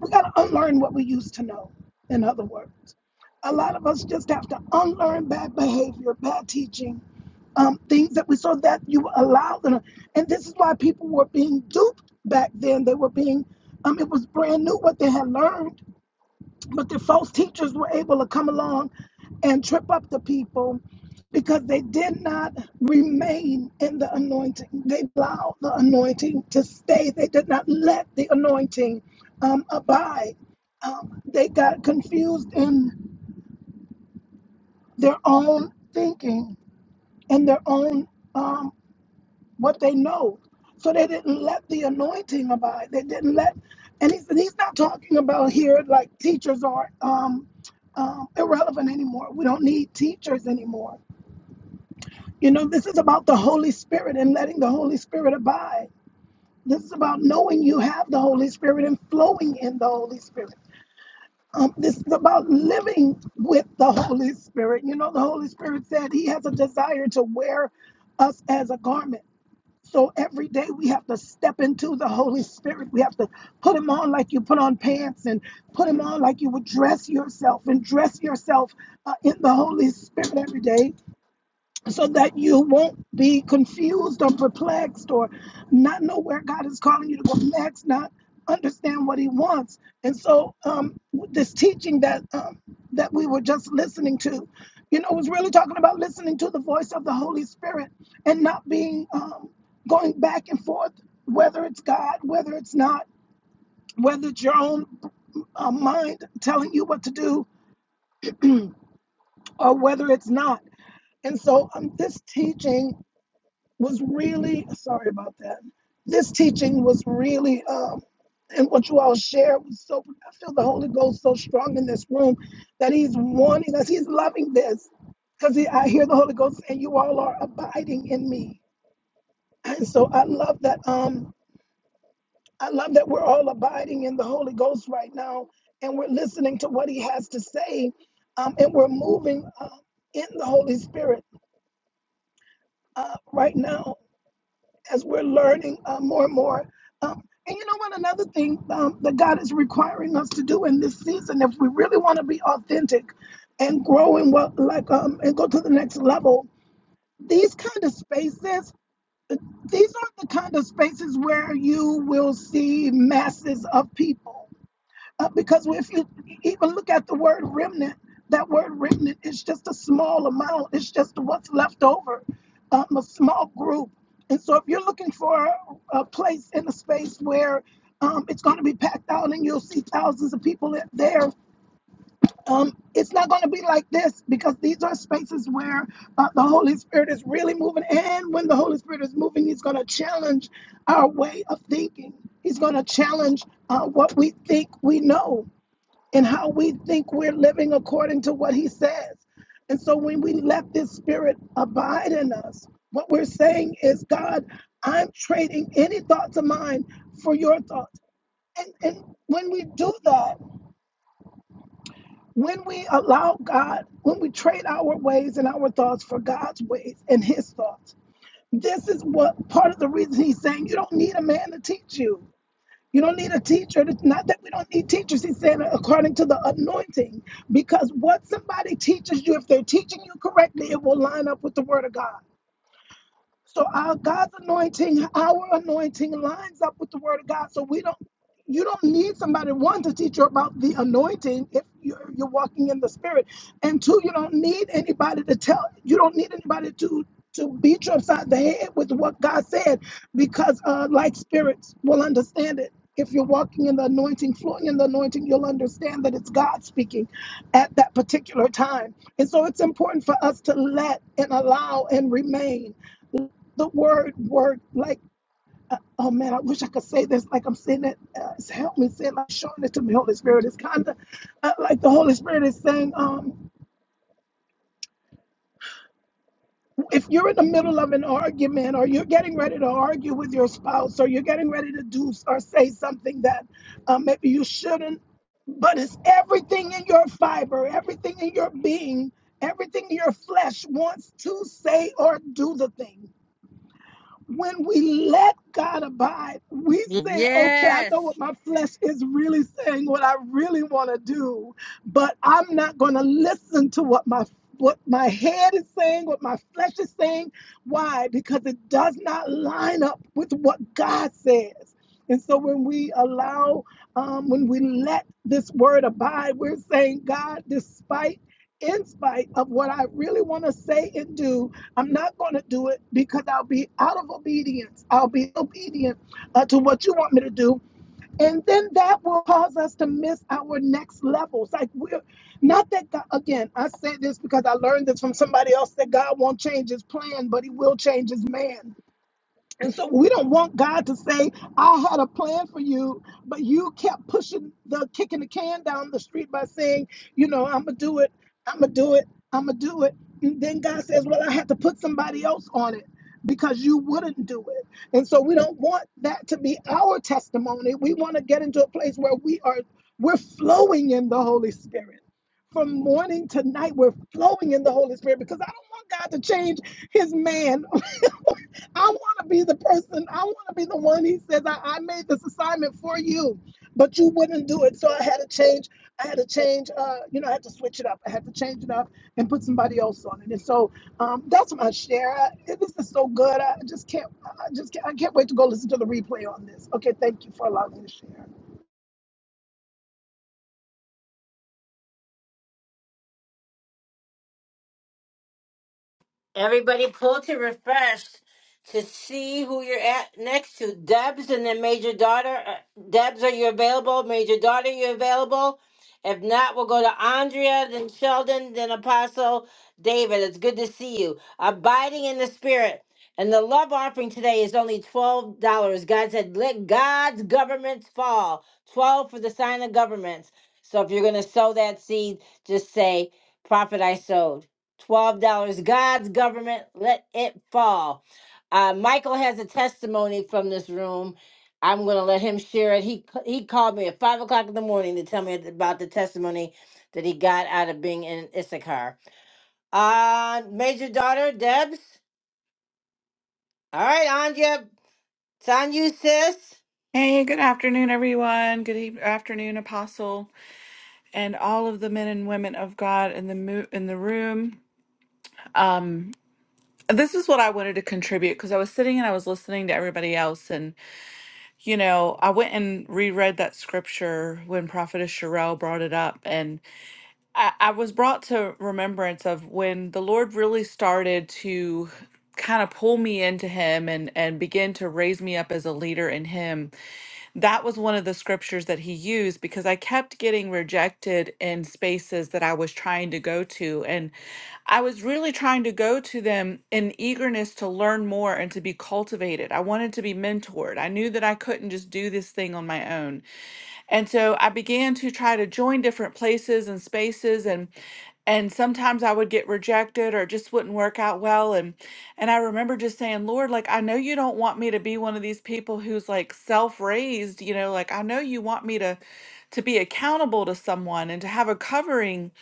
we got to unlearn what we used to know in other words a lot of us just have to unlearn bad behavior bad teaching um, things that we saw that you allowed, them and this is why people were being duped back then they were being um, it was brand new what they had learned but the false teachers were able to come along and trip up the people because they did not remain in the anointing. They allowed the anointing to stay, they did not let the anointing um, abide. Um, they got confused in their own thinking and their own. um, what they know. So they didn't let the anointing abide. They didn't let, and he's, and he's not talking about here like teachers are um, um, irrelevant anymore. We don't need teachers anymore. You know, this is about the Holy Spirit and letting the Holy Spirit abide. This is about knowing you have the Holy Spirit and flowing in the Holy Spirit. Um, this is about living with the Holy Spirit. You know, the Holy Spirit said he has a desire to wear us as a garment. So every day we have to step into the Holy Spirit. We have to put him on like you put on pants and put him on like you would dress yourself and dress yourself uh, in the Holy Spirit every day so that you won't be confused or perplexed or not know where God is calling you to go next, not understand what He wants. And so, um, this teaching that um, that we were just listening to, you know, was really talking about listening to the voice of the Holy Spirit and not being um, going back and forth, whether it's God, whether it's not, whether it's your own uh, mind telling you what to do or whether it's not. And so, um, this teaching was really sorry about that. This teaching was really, um, and what you all shared was so. I feel the Holy Ghost so strong in this room that He's wanting us. He's loving this because he, I hear the Holy Ghost and you all are abiding in me, and so I love that. Um, I love that we're all abiding in the Holy Ghost right now, and we're listening to what He has to say, um, and we're moving uh, in the Holy Spirit uh, right now as we're learning uh, more and more. Um, and you know what? Another thing um, that God is requiring us to do in this season, if we really want to be authentic and grow in what, like, um, and go to the next level, these kind of spaces, these aren't the kind of spaces where you will see masses of people. Uh, because if you even look at the word remnant, that word remnant is just a small amount. It's just what's left over, um, a small group. And so if you're looking for a place in a space where um, it's going to be packed out and you'll see thousands of people in there, um, it's not going to be like this because these are spaces where uh, the Holy Spirit is really moving. And when the Holy Spirit is moving, He's going to challenge our way of thinking. He's going to challenge uh, what we think we know and how we think we're living according to what he says. And so when we let this spirit abide in us, what we're saying is, God, I'm trading any thoughts of mine for your thoughts. And, and when we do that, when we allow God, when we trade our ways and our thoughts for God's ways and his thoughts, this is what part of the reason he's saying you don't need a man to teach you. You don't need a teacher. It's not that we don't need teachers. He's saying according to the anointing, because what somebody teaches you, if they're teaching you correctly, it will line up with the word of God. So our God's anointing, our anointing lines up with the word of God. So we don't you don't need somebody one to teach you about the anointing if you're, you're walking in the spirit and two you don't need anybody to tell you don't need anybody to to beat you upside the head with what god said because uh like spirits will understand it if you're walking in the anointing flowing in the anointing you'll understand that it's god speaking at that particular time and so it's important for us to let and allow and remain the word work like uh, oh man, I wish I could say this. Like I'm saying it, uh, it's help me say it, like showing it to me. Holy Spirit It's kind of uh, like the Holy Spirit is saying, um, if you're in the middle of an argument or you're getting ready to argue with your spouse or you're getting ready to do or say something that uh, maybe you shouldn't, but it's everything in your fiber, everything in your being, everything in your flesh wants to say or do the thing when we let God abide, we say, okay, I know
Yes.
what my flesh is really saying, what I really want to do, but I'm not going to listen to what my what my head is saying, what my flesh is saying. Why? Because it does not line up with what God says. And so when we allow, um, when we let this word abide, we're saying, God, despite in spite of what I really want to say and do, I'm not going to do it because I'll be out of obedience. I'll be obedient uh, to what you want me to do. And then that will cause us to miss our next levels. Like we're not that God, again, I say this because I learned this from somebody else that God won't change his plan, but he will change his man. And so we don't want God to say, I had a plan for you, but you kept pushing the kicking the can down the street by saying, you know, I'm gonna do it, I'm gonna do it, I'm gonna do it. And then God says, Well, I had to put somebody else on it because you wouldn't do it. And so we don't want that to be our testimony. We want to get into a place where we are we're flowing in the Holy Spirit. From morning to night, we're flowing in the Holy Spirit because I don't want God to change his man I want to be the person. I want to be the one. He says, I, I made this assignment for you, but you wouldn't do it. So I had to change. I had to change. Uh, you know, I had to switch it up. I had to change it up and put somebody else on it. And so um, that's my share. I, this is so good. I just can't. I just can't, I can't wait to go listen to the replay on this. Okay, thank you for allowing me to share.
Everybody pull to refresh to see who you're at next to. Debs and then Major Daughter. Uh, Debs, are you available? Major Daughter, you available? If not, we'll go to Andrea, then Sheldon, then Apostle David. It's good to see you. Abiding in the Spirit. And the love offering today is only $12. God said, let God's governments fall. 12 for the sign of governments. So if you're going to sow that seed, just say, Prophet, I sowed twelve dollars. God's government, let it fall. Uh, Michael has a testimony from this room. I'm going to let him share it. He he called me at five o'clock in the morning to tell me about the testimony that he got out of being in Issachar. Uh, major daughter Debs. All right, Andrea, it's on you, sis.
Hey, good afternoon, everyone. Good eve- afternoon, Apostle, and all of the men and women of God in the mo- in the room. Um, this is what I wanted to contribute because I was sitting and I was listening to everybody else, and you know, I went and reread that scripture when Prophetess Sherelle brought it up, and I, I was brought to remembrance of when the Lord really started to kind of pull me into Him and and begin to raise me up as a leader in Him that was one of the scriptures that he used because I kept getting rejected in spaces that I was trying to go to. And I was really trying to go to them in eagerness to learn more and to be cultivated. I wanted to be mentored. I knew that I couldn't just do this thing on my own. And so I began to try to join different places and spaces and and sometimes I would get rejected or it just wouldn't work out well and and I remember just saying, "Lord, like I know you don't want me to be one of these people who's like self-raised, you know, like I know you want me to to be accountable to someone and to have a covering."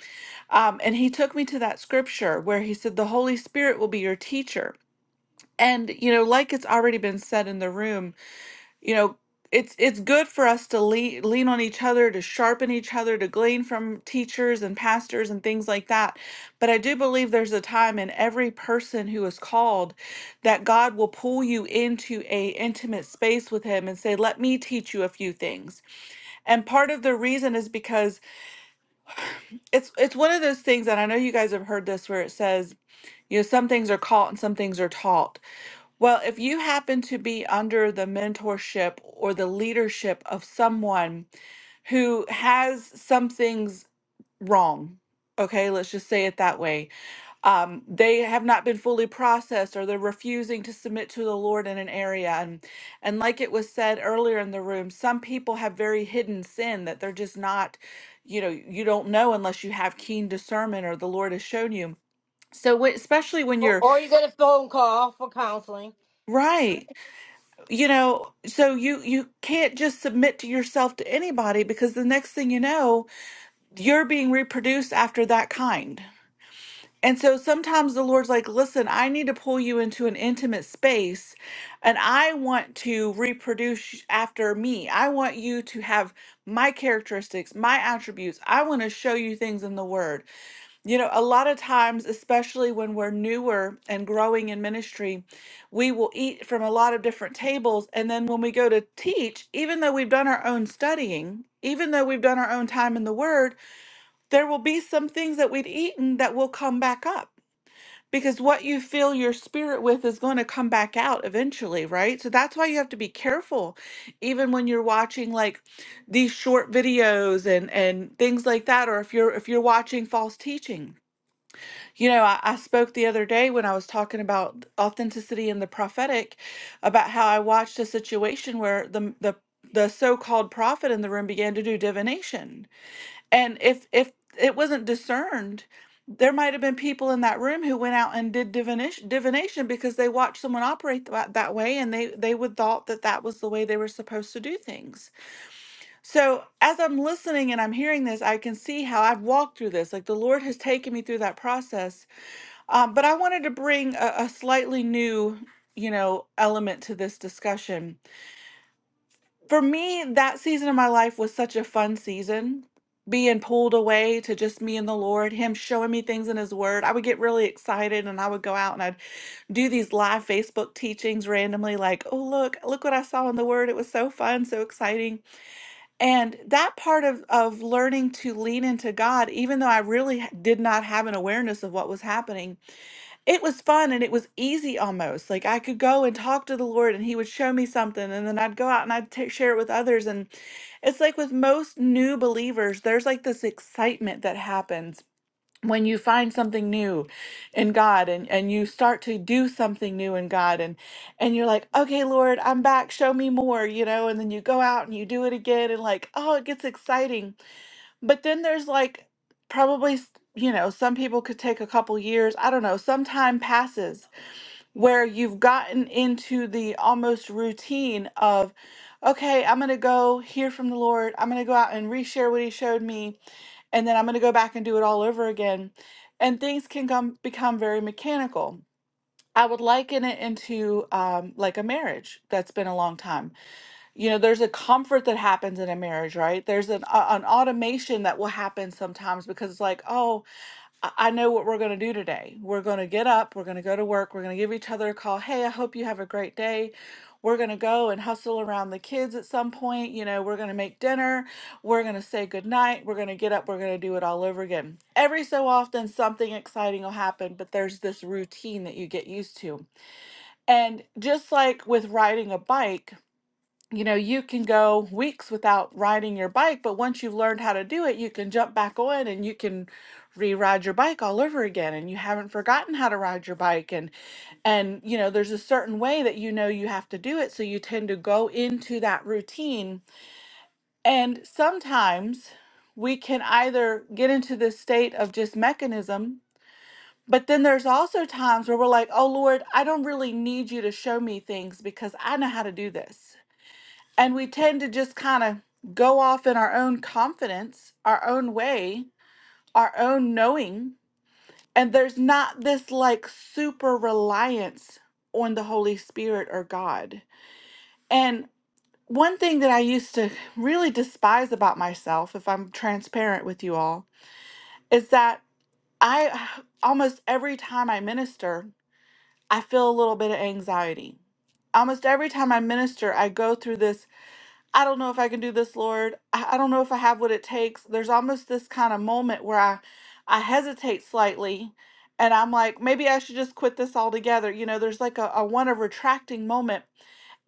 Um and he took me to that scripture where he said the Holy Spirit will be your teacher. And you know, like it's already been said in the room, you know it's it's good for us to lean lean on each other to sharpen each other to glean from teachers and pastors and things like that but i do believe there's a time in every person who is called that god will pull you into a intimate space with him and say let me teach you a few things and part of the reason is because it's it's one of those things and i know you guys have heard this where it says you know some things are caught and some things are taught well, if you happen to be under the mentorship or the leadership of someone who has some things wrong, okay, let's just say it that way. Um, they have not been fully processed or they're refusing to submit to the Lord in an area. And, and like it was said earlier in the room, some people have very hidden sin that they're just not, you know, you don't know unless you have keen discernment or the Lord has shown you. So, when- especially when
Or,
you're
or you get a phone call for counseling.
Right. you know so you you can't just submit to yourself to anybody because the next thing you know you're being reproduced after that kind and so sometimes the Lord's like, listen, I need to pull you into an intimate space and I want to reproduce after me. I want you to have my characteristics, my attributes. I want to show you things in the Word. You know, a lot of times, especially when we're newer and growing in ministry, we will eat from a lot of different tables. And then when we go to teach, even though we've done our own studying, even though we've done our own time in the Word, there will be some things that we've eaten that will come back up because what you fill your spirit with is going to come back out eventually, right? So that's why you have to be careful, even when you're watching like these short videos and and things like that, or if you're if you're watching false teaching. You know, I, I spoke the other day when I was talking about authenticity and the prophetic, about how I watched a situation where the the the so-called prophet in the room began to do divination and if if it wasn't discerned, there might have been people in that room who went out and did divination, divination because they watched someone operate that, that way and they they would thought that that was the way they were supposed to do things. So as I'm listening and I'm hearing this, I can see how I've walked through this. Like the Lord has taken me through that process. Um, but I wanted to bring a, a slightly new, you know, element to this discussion for me, that season of my life was such a fun season. Being pulled away to just me and the Lord, Him showing me things in His Word. I would get really excited and I would go out and I'd do these live Facebook teachings randomly, like, oh, look, look what I saw in the Word. It was so fun, so exciting. And that part of, of learning to lean into God, even though I really h- did not have an awareness of what was happening, it was fun and it was easy almost. Like I could go and talk to the Lord and he would show me something and then I'd go out and I'd ta- share it with others and it's like with most new believers there's like this excitement that happens when you find something new in God and and you start to do something new in God and and you're like, "Okay, Lord, I'm back. Show me more," you know, and then you go out and you do it again and like, "Oh, it gets exciting." But then there's like probably, s- you know, some people could take a couple years, I don't know, some time passes where you've gotten into the almost routine of, okay, I'm going to go hear from the Lord. I'm going to go out and reshare what he showed me. And then I'm going to go back and do it all over again. And things can come, become very mechanical. I would liken it into um, like a marriage that's been a long time you know there's a comfort that happens in a marriage right there's an uh, an automation that will happen sometimes because it's like oh i I know what we're going to do today we're going to get up we're going to go to work we're going to give each other a call hey i hope you have a great day we're going to go and hustle around the kids at some point you know we're going to make dinner we're going to say goodnight we're going to get up we're going to do it all over again every so often something exciting will happen but there's this routine that you get used to and just like with riding a bike you know, you can go weeks without riding your bike, but once you've learned how to do it, you can jump back on and you can re-ride your bike all over again and you haven't forgotten how to ride your bike and and you know, there's a certain way that you know you have to do it, so you tend to go into that routine. And sometimes we can either get into this state of just mechanism, but then there's also times where we're like, "Oh Lord, I don't really need you to show me things because I know how to do this." And we tend to just kind of go off in our own confidence, our own way, our own knowing. And there's not this like super reliance on the Holy Spirit or God. And one thing that I used to really despise about myself, if I'm transparent with you all, is that I almost every time I minister, I feel a little bit of anxiety. Almost every time I minister, I go through this I don't know if I can do this, Lord. I I don't know if I have what it takes. There's almost this kind of moment where I, I hesitate slightly and I'm like, maybe I should just quit this altogether. You know, there's like a, a one of retracting moment.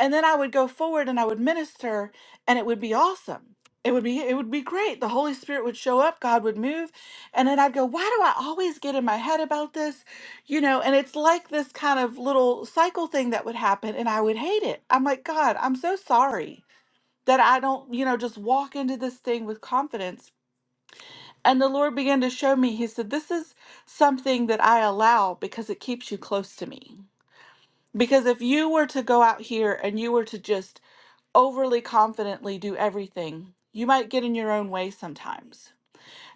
And then I would go forward and I would minister and it would be awesome. It would be it would be great. The Holy Spirit would show up, God would move, and then I'd go, "Why do I always get in my head about this?" You know, and it's like this kind of little cycle thing that would happen and I would hate it. I'm like, "God, I'm so sorry." that I don't, you know, just walk into this thing with confidence. And the Lord began to show me, He said, This is something that I allow because it keeps you close to me. Because if you were to go out here and you were to just overly confidently do everything, you might get in your own way sometimes.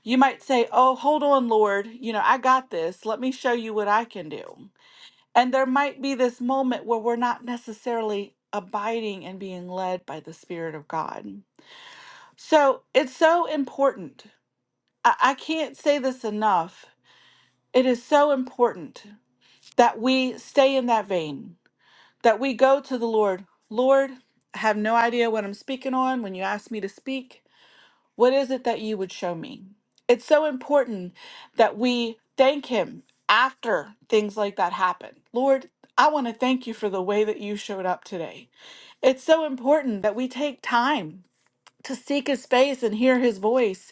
You might say, Oh, hold on, Lord, you know, I got this. Let me show you what I can do. And there might be this moment where we're not necessarily abiding and being led by the Spirit of God. So it's so important. I, I can't say this enough. It is so important that we stay in that vein, that we go to the Lord. Lord, I have no idea what I'm speaking on. When you ask me to speak, what is it that you would show me? It's so important that we thank Him after things like that happen. Lord, I want to thank you for the way that you showed up today. It's so important that we take time to seek His face and hear His voice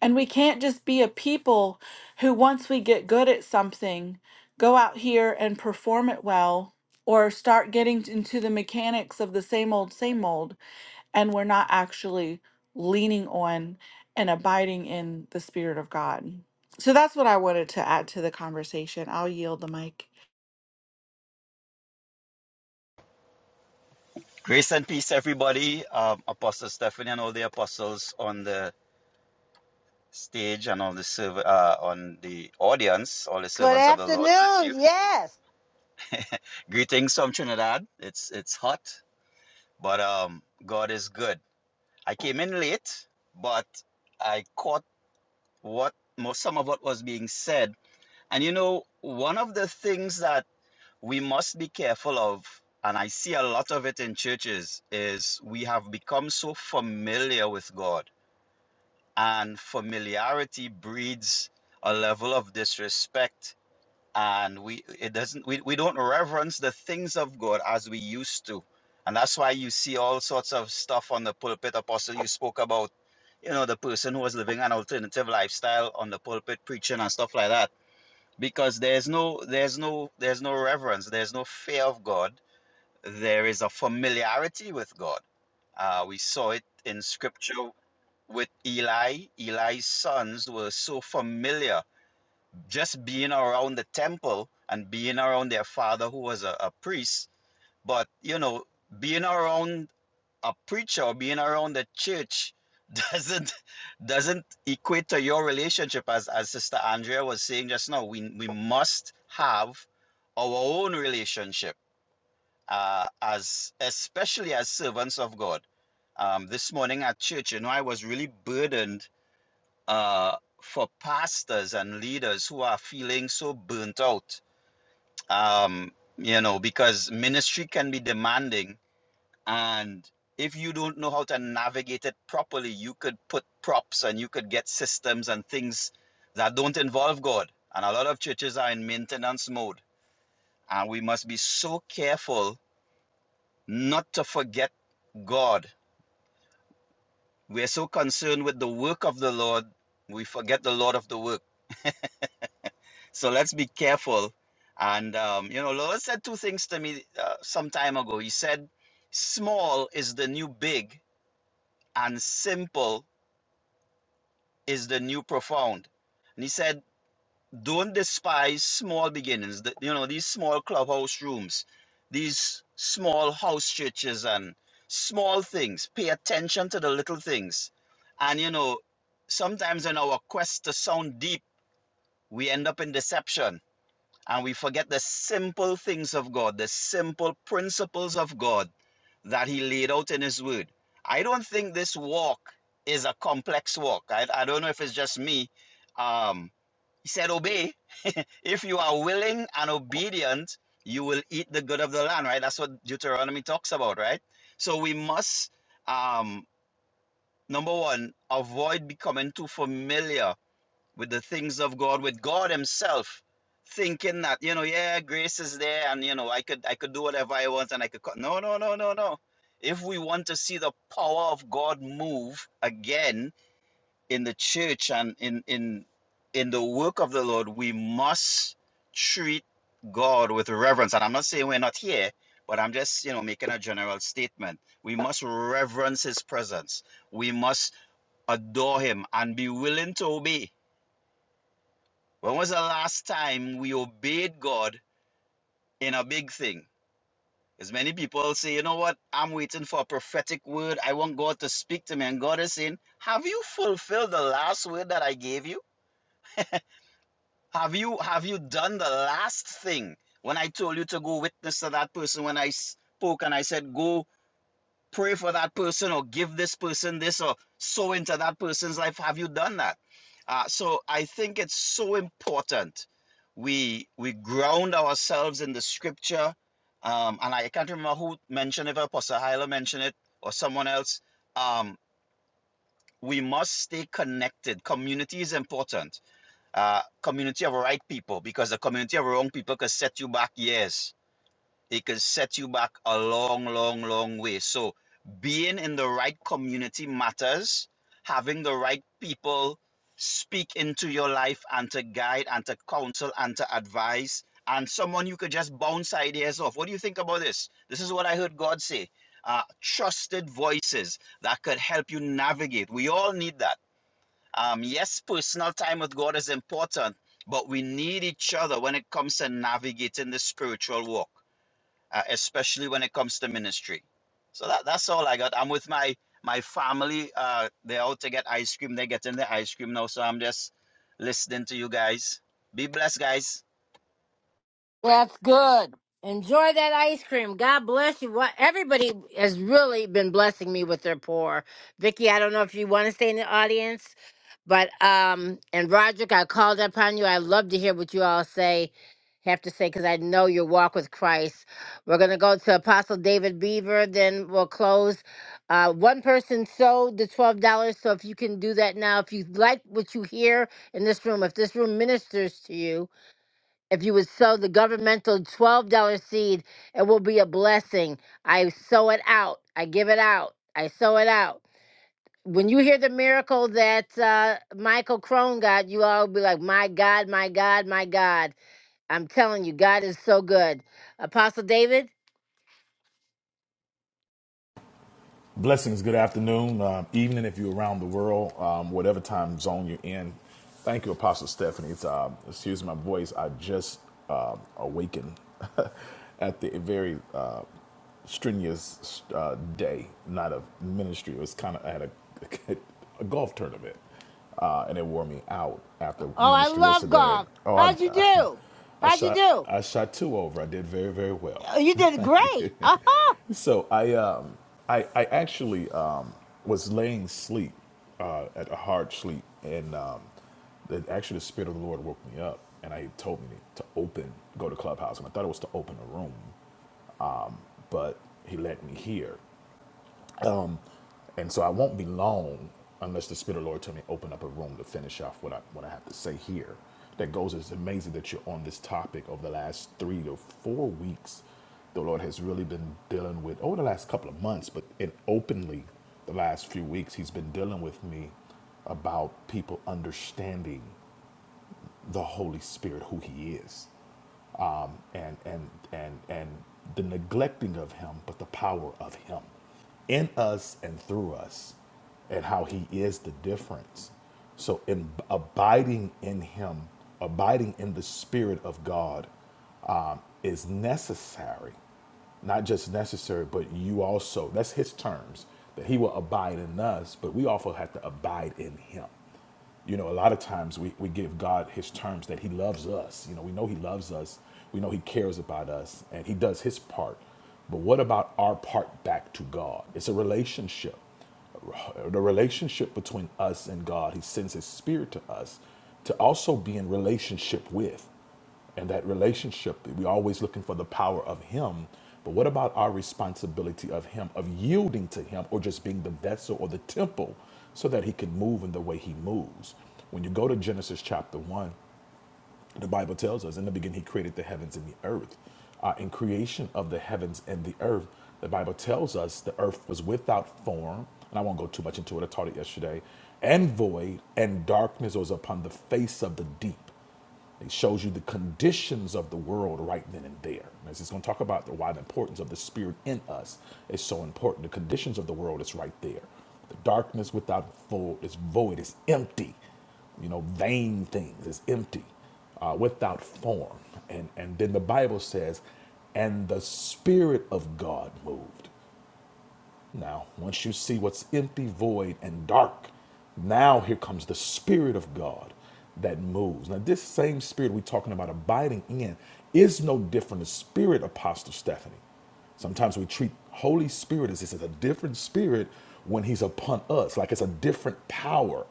And we can't just be a people who, once we get good at something, go out here and perform it well or start getting into the mechanics of the same old, same old, and we're not actually leaning on and abiding in the Spirit of God. So that's what I wanted to add to the conversation. I'll yield the mic.
Grace and peace, everybody. Um, Apostle Stephanie and all the apostles on the stage and all the serv- uh, on the audience, all the
Good
servants of the Lord bless you.
afternoon. Yes.
[laughs] Greetings from Trinidad. It's it's hot, but um, God is good. I came in late, but I caught what most some of what was being said. And you know, one of the things that we must be careful of, and I see a lot of it in churches, is we have become so familiar with God and familiarity breeds a level of disrespect and we it doesn't we, we don't reverence the things of god as we used to and that's why you see all sorts of stuff on the pulpit apostle you spoke about you know the person who was living an alternative lifestyle on the pulpit preaching and stuff like that because there's no there's no there's no reverence there's no fear of god there is a familiarity with god uh, we saw it in scripture with Eli. Eli's sons were so familiar just being around the temple and being around their father, who was a, a priest. But, you know, being around a preacher or being around the church [laughs] doesn't doesn't equate to your relationship as as sister andrea was saying just now we we must have our own relationship uh as especially as servants of god um this morning at church you know i was really burdened uh, for pastors and leaders who are feeling so burnt out. Um, you know, because ministry can be demanding, and if you don't know how to navigate it properly, you could put props and you could get systems and things that don't involve God. And a lot of churches are in maintenance mode, and we must be so careful not to forget God. We're so concerned with the work of the Lord, we forget the Lord of the work So let's be careful. And, um, you know, Lord said two things to me uh, some time ago. He said, small is the new big, and simple is the new profound. And he said, don't despise small beginnings, the, you know, these small clubhouse rooms, these small house churches, and small things. Pay attention to the little things. And, you know, sometimes in our quest to sound deep, we end up in deception and we forget the simple things of God, the simple principles of God that He laid out in His Word. I don't think this walk is a complex walk. I, I don't know if it's just me. Um, he said, Obey. [laughs] if you are willing and obedient, you will eat the good of the land, right? That's what Deuteronomy talks about, right? So we must, um, number one, avoid becoming too familiar with the things of God, with God Himself, thinking that you know, yeah, grace is there, and you know, I could I could do whatever I want, and I could. No, no, no, no, no. If we want to see the power of God move again in the church and in in in the work of the Lord, we must treat God with reverence. And I'm not saying we're not here, but I'm just you know making a general statement. We must reverence His presence. We must adore Him and be willing to obey when was the last time we obeyed God in a big thing? Because many people say, you know what, I'm waiting for a prophetic word. I want God to speak to me. And God is saying, Have you fulfilled the last word that I gave you? Have you have you done the last thing when I told you to go witness to that person when I spoke and I said, Go pray for that person or give this person this or sow into that person's life? Have you done that? Uh, so I think it's so important we we ground ourselves in the scripture. Um, and I can't remember who mentioned it, if Apostle Hyla mentioned it or someone else. Um, we must stay connected. Community is important. Uh, community of right people because the community of wrong people can set you back years it can set you back a long, long, long way. So being in the right community matters. Having the right people speak into your life and to guide and to counsel and to advise and someone you could just bounce ideas off. What do you think about this? This is what I heard God say. Uh, trusted voices that could help you navigate. We all need that. Um, yes, personal time with God is important, but we need each other when it comes to navigating the spiritual walk uh, especially when it comes to ministry. So that, that's all I got. I'm with my my family. Uh, they're out to get ice cream. They're getting the ice cream now. So I'm just listening to you guys. Be blessed, guys.
That's good. Enjoy that ice cream. God bless you. What everybody has really been blessing me with their pour. Vicky, I don't know if you want to stay in the audience, but um, and Roderick, I called upon you. I love to hear what you all say, have to say, because I know your walk with Christ. We're gonna go to Apostle David Beaver, then we'll close. Uh, one person sold the twelve dollars, so if you can do that now, if you like what you hear in this room, if this room ministers to you if you would sow the governmental $12 seed, it will be a blessing. I sow it out. I give it out. I sow it out. When you hear the miracle that uh, Michael Crone got, you all be like, My God, my God, my God. I'm telling you, God is so good. Apostle David?
Blessings. Good afternoon, uh, evening if you're around the world, um, whatever time zone you're in. Thank you, Apostle Stephanie. It's, uh, excuse my voice. I just uh, awakened [laughs] at the very uh, strenuous uh, day, not of ministry. It was kind of, I had a, [laughs] a golf tournament uh, and it wore me out after
Oh, I
ministry
love
yesterday.
golf.
Oh, I, [laughs]
How'd you
I,
do?
I
How'd you
shot,
do?
I shot two over. I did very, very well.
Oh, You did great.
[laughs] so I, um, I, I actually um, was laying sleep, uh, at a hard sleep, and um, the, actually the spirit of the Lord woke me up, and I he told me to open, go to clubhouse, and I thought it was to open a room, but he led me here, and so I won't be long unless the Spirit of the Lord tell me to open up a room to finish off what I what I have to say here. That goes, it's amazing that you're on this topic over the last three to four weeks. The Lord has really been dealing with over the last couple of months, but and openly the last few weeks, He's been dealing with me about people understanding the Holy Spirit, who He is um, and and and and the neglecting of him, but the power of him in us and through us, and how he is the difference. So, in abiding in him, abiding in the Spirit of God, um, is necessary not just necessary, but you also. That's his terms that he will abide in us, but we also have to abide in him you know a lot of times we, we give god his terms that he loves us you know we know he loves us we know he cares about us and he does his part but what about our part back to god it's a relationship the relationship between us and god he sends his spirit to us to also be in relationship with and that relationship. We're always looking for the power of Him. But what about our responsibility of Him, of yielding to Him, or just being the vessel or the temple so that He can move in the way He moves? When you go to Genesis chapter 1, the Bible tells us in the beginning, He created the heavens and the earth. Uh, in creation of the heavens and the earth, the Bible tells us the earth was without form, and I won't go too much into it, I taught it yesterday, and void, and darkness was upon the face of the deep. It shows you the conditions of the world right then and there. And it's going to talk about the, why the importance of the Spirit in us is so important. The conditions of the world is right there. The darkness without void is void, is empty you know, vain things. It's empty, uh, without form. And and then the Bible says, and the Spirit of God moved. Now, once you see what's empty, void, and dark, now here comes the Spirit of God that moves. Now, this same Spirit we're talking about abiding in is no different than the Spirit, Apostle Stephanie. Sometimes we treat Holy Spirit as this is a different Spirit when He's upon us, like it's a different power,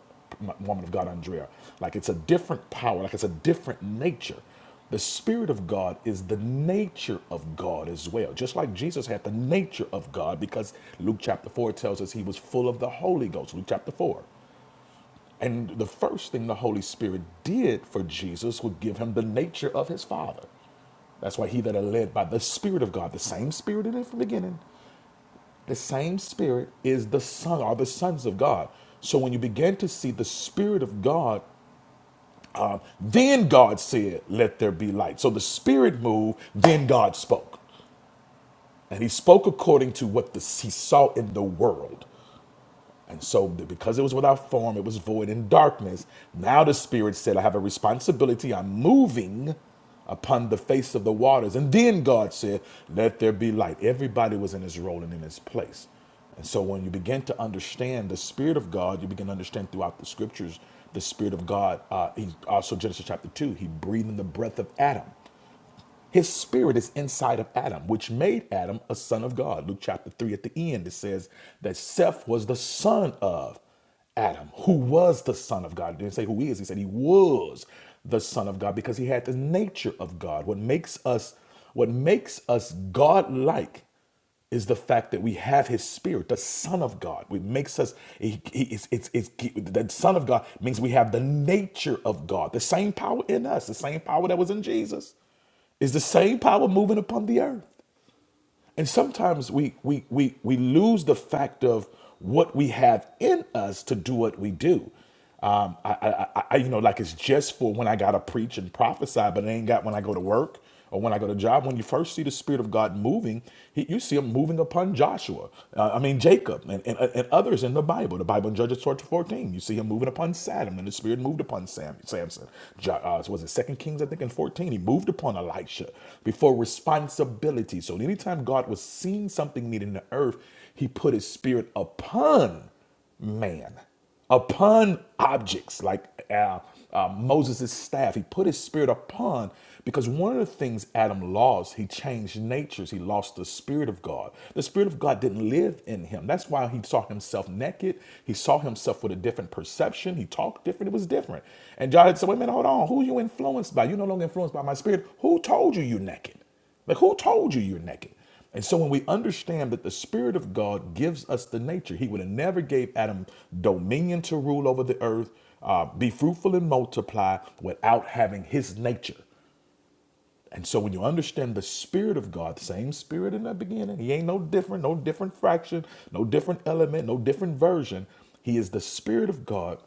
woman of God, Andrea. Like it's a different power, like it's a different nature. The Spirit of God is the nature of God as well. Just like Jesus had the nature of God, because Luke chapter 4 tells us he was full of the Holy Ghost, Luke chapter 4. And the first thing the Holy Spirit did for Jesus would give him the nature of his Father. That's why he that are led by the Spirit of God, the same Spirit in it from the beginning, the same Spirit is the Son, or the sons of God. So when you begin to see the Spirit of God Um, Then God said, Let there be light. So the Spirit moved, then God spoke. And he spoke according to what the, he saw in the world. And so, because it was without form, it was void in darkness. Now the Spirit said, I have a responsibility. I'm moving upon the face of the waters. And then God said, Let there be light. Everybody was in his role and in his place. And so, when you begin to understand the Spirit of God, you begin to understand throughout the scriptures the Spirit of God. Uh, he also, Genesis chapter 2, he breathed in the breath of Adam. His spirit is inside of Adam, which made Adam a son of God. Luke chapter 3 at the end, it says that Seth was the son of Adam, who was the son of God. It didn't say who he is, he said he was the son of God because he had the nature of God. What makes us what makes us God-like is the fact that we have his spirit the son of god It makes us he, he, it's, it's, it's, the son of god means we have the nature of god the same power in us the same power that was in jesus is the same power moving upon the earth. And sometimes we we we we lose the fact of what we have in us to do what we do. Um, I, I, I, I- you know, like it's just for when I gotta preach and prophesy, but it ain't got when I go to work or when I go to job. When you first see the Spirit of God moving, he, you see Him moving upon Joshua. uh, I mean Jacob and, and and others in the Bible. The Bible in Judges 14, you see Him moving upon Saddam, and the Spirit moved upon Sam, Samuel. Samson. Ja, Uh, was it Second Kings? I think in fourteen, he moved upon Elisha before responsibility. So anytime God was seeing something needed in the earth, He put His Spirit upon man upon objects like uh, uh, Moses' staff. He put his spirit upon because one of the things Adam lost, he changed natures. He lost the Spirit of God. The Spirit of God didn't live in him. That's why he saw himself naked. He saw himself with a different perception. He talked different. It was different. And John had said, wait a minute, hold on. Who are you influenced by? You're no longer influenced by my spirit. Who told you you're naked? Like, who told you you're naked? And so when we understand that the Spirit of God gives us the nature, He would have never gave Adam dominion to rule over the earth, uh, be fruitful and multiply without having His nature. And so when you understand the spirit of God, the same spirit in the beginning, he ain't no different, no different fraction, no different element, no different version. He is the spirit of God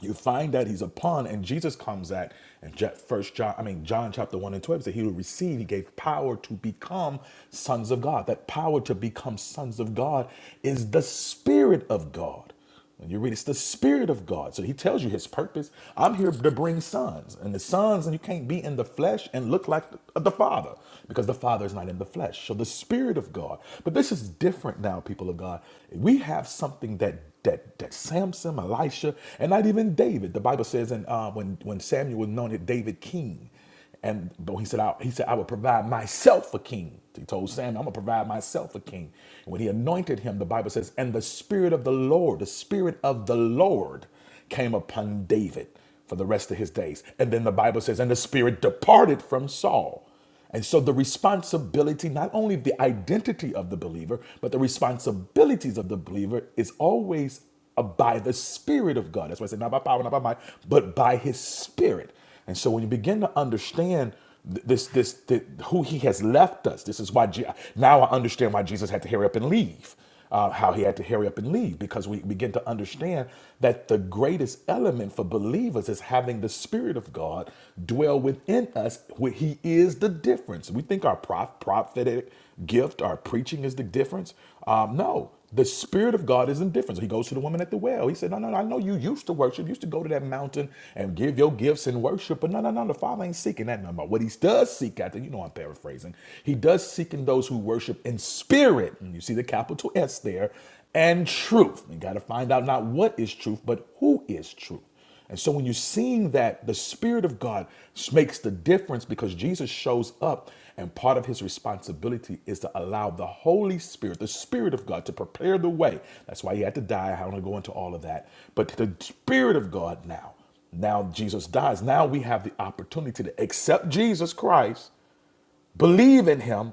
you find that he's a pawn and jesus comes at and Ja, first john i mean john chapter 1 and 12 said he will receive he gave power to become sons of god that power to become sons of god is the spirit of god and you read it's the spirit of god so he tells you his purpose i'm here to bring sons and the sons and you can't be in the flesh and look like the the father because the father is not in the flesh so the spirit of god but this is different now people of god we have something that that that Samson, Elisha, and not even David. The Bible says, and uh, when when Samuel anointed David king, and but he said, I, he said, I will provide myself a king. He told Samuel, I'm gonna provide myself a king. And when he anointed him, the Bible says, and the spirit of the Lord, the spirit of the Lord came upon David for the rest of his days. And then the Bible says, and the spirit departed from Saul. And so the responsibility, not only the identity of the believer, but the responsibilities of the believer is always uh, by the Spirit of God. That's why I say not by power, not by might, but by His Spirit. And so when you begin to understand th- this, this, th- who He has left us, this is why Je- now I understand why Jesus had to hurry up and leave uh, how he had to hurry up and leave because we begin to understand that the greatest element for believers is having the Spirit of God dwell within us. Where He is the difference. We think our prof- prophetic gift, our preaching is the difference. Um, no, the Spirit of God is indifferent. So he goes to the woman at the well. He said, No, no, no, I know you used to worship, used to go to that mountain and give your gifts and worship, but no, no, no, the Father ain't seeking that no more. What he does seek after, you know I'm paraphrasing, he does seek in those who worship in spirit, and you see the capital S there, and truth. You got to find out not what is truth, but who is truth. And so when you're seeing that, the Spirit of God makes the difference because Jesus shows up. And part of his responsibility is to allow the Holy Spirit, the Spirit of God, to prepare the way. That's why he had to die. I don't want to go into all of that. But the Spirit of God now, now Jesus dies. Now we have the opportunity to accept Jesus Christ believe in him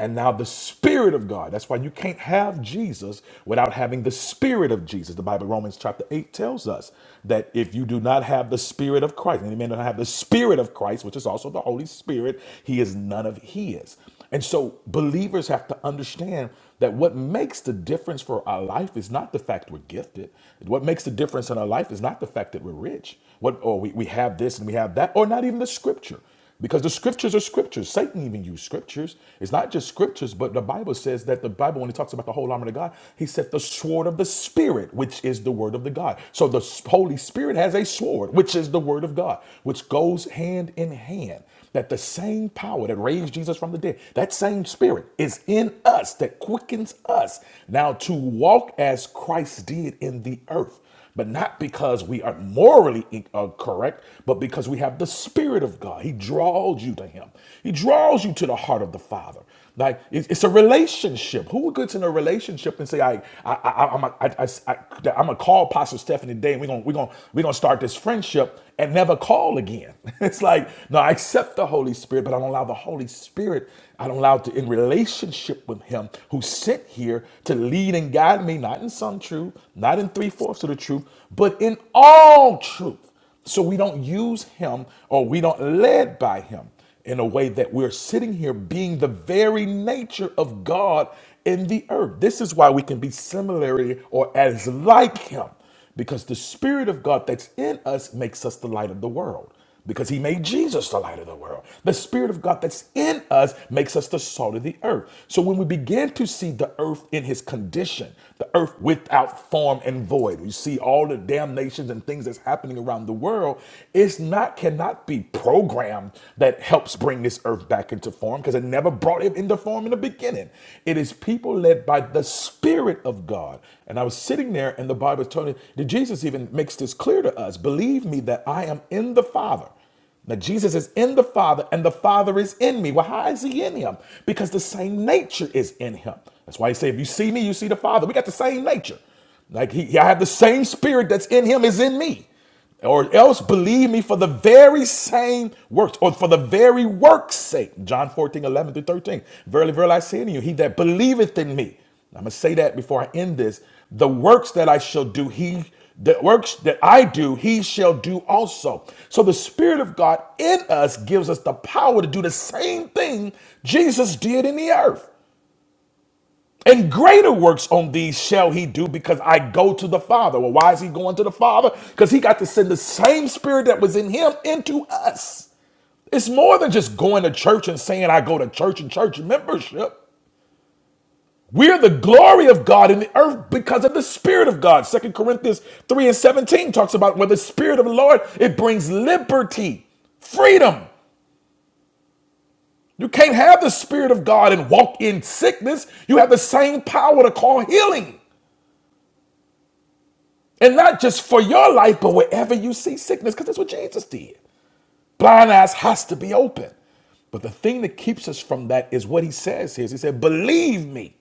and now the spirit of god that's why you can't have jesus without having the spirit of jesus the bible romans chapter 8 tells us that if you do not have the spirit of christ and any man do not have the spirit of christ which is also the holy spirit he is none of his and so believers have to understand that what makes the difference for our life is not the fact we're gifted. What makes the difference in our life is not the fact that we're rich, what or we, we have this and we have that, or not even the scripture. Because the scriptures are scriptures. Satan even used scriptures. It's not just scriptures, but the Bible says that the Bible, when it talks about the whole armor of God, he said the sword of the Spirit, which is the word of the God. So the S- Holy Spirit has a sword, which is the word of God, which goes hand in hand. That the same power that raised Jesus from the dead, that same spirit is in us that quickens us now to walk as Christ did in the earth but not because we are morally in- uh, correct, but because we have the Spirit of God. He draws you to Him, He draws you to the heart of the Father. Like it's it's a relationship. Who gets in a relationship and say, "I, I, I I'm, a, I, I, I, that I'm gonna call Pastor Stephanie today, and we're gonna, we're gonna, we're gonna start this friendship and never call again." [laughs] It's like, no, I accept the Holy Spirit, but I don't allow the Holy Spirit. I don't allow it to in relationship with Him who sent here to lead and guide me, not in some truth, truth, not in three fourths of the truth, but in all truth. So we don't use him or we don't led by him in a way that we're sitting here being the very nature of God in the earth. This is why we can be similarly or as like him because the Spirit of God that's in us makes us the light of the world. Because he made Jesus the light of the world. The Spirit of God that's in us makes us the salt of the earth. So when we begin to see the earth in his condition, the earth without form and void, we see all the damnations and things that's happening around the world, it's not cannot be programmed that helps bring this earth back into form because it never never brought him into form in the beginning. It is people led by the Spirit of God. And I was sitting there, and the Bible is telling me, Jesus even makes this clear to us. Believe me that I am in the Father. Now, Jesus is in the Father, and the Father is in me. Well, how is He in Him? Because the same nature is in Him. That's why He said, If you see me, you see the Father. We got the same nature. Like he, I have the same spirit that's in him is in me or else believe me for the very same works, or for the very work's sake. John 14 11 through 13. Verily, verily, I say unto you, he that believeth in me, I'm going to say that before I end this, the works that I shall do, he, the works that I do, he shall do also. So the Spirit of God in us gives us the power to do the same thing Jesus did in the earth. And greater works on these shall he do because I go to the Father. Well, why is he going to the Father? Because he got to send the same spirit that was in him into us. It's more than just going to church and saying, I go to church and church membership. We're the glory of God in the earth because of the Spirit of God. Second Corinthians 3 and 17 talks about where the Spirit of the Lord, it brings liberty, freedom. You can't have the Spirit of God and walk in sickness. You have the same power to call healing. And not just for your life, but wherever you see sickness, because that's what Jesus did. Blind eyes has to be open. But the thing that keeps us from that is what he says here. He said, Believe me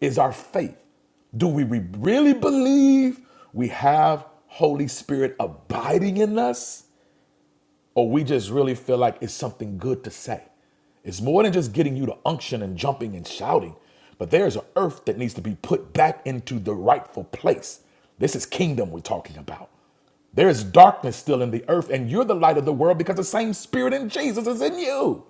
is our faith. Do we re- really believe we have Holy Spirit abiding in us? or we just really feel like it's something good to say. It's more than just getting you to unction and jumping and shouting, but there's an earth that needs to be put back into the rightful place. This is kingdom we're talking about. There is darkness still in the earth, and you're the light of the world because the same spirit in Jesus is in you.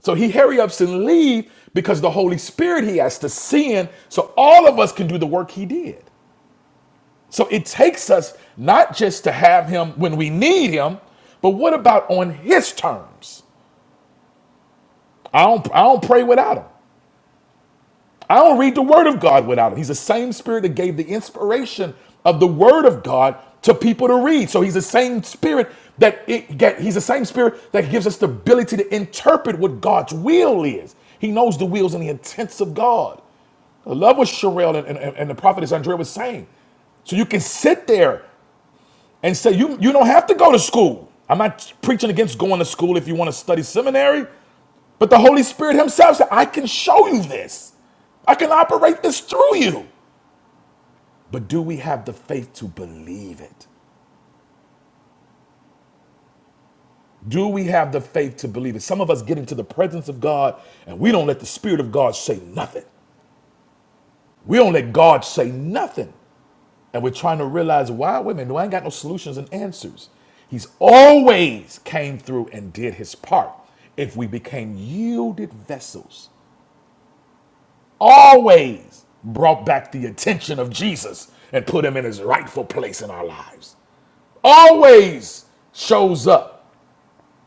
So he hurry ups and leave because the Holy Spirit he has to send so all of us can do the work he did. So it takes us not just to have him when we need him, but what about on his terms? I don't, I don't pray without him. I don't read the word of God without him. He's the same spirit that gave the inspiration of the word of God to people to read. So he's the same spirit that it get, he's the same spirit that gives us the ability to interpret what God's will is. He knows the wills and the intents of God. I love what Sherelle and, and, and the prophetess Andrea was saying. So you can sit there and say you you don't have to go to school. I'm not preaching against going to school if you want to study seminary, but the Holy Spirit Himself said, "I can show you this. I can operate this through you." But do we have the faith to believe it? Do we have the faith to believe it? Some of us get into the presence of God and we don't let the Spirit of God say nothing. We don't let God say nothing. And we're trying to realize why women, no, I ain't got no solutions and answers. He's always came through and did his part. If we became yielded vessels, always brought back the attention of Jesus and put him in his rightful place in our lives. Always shows up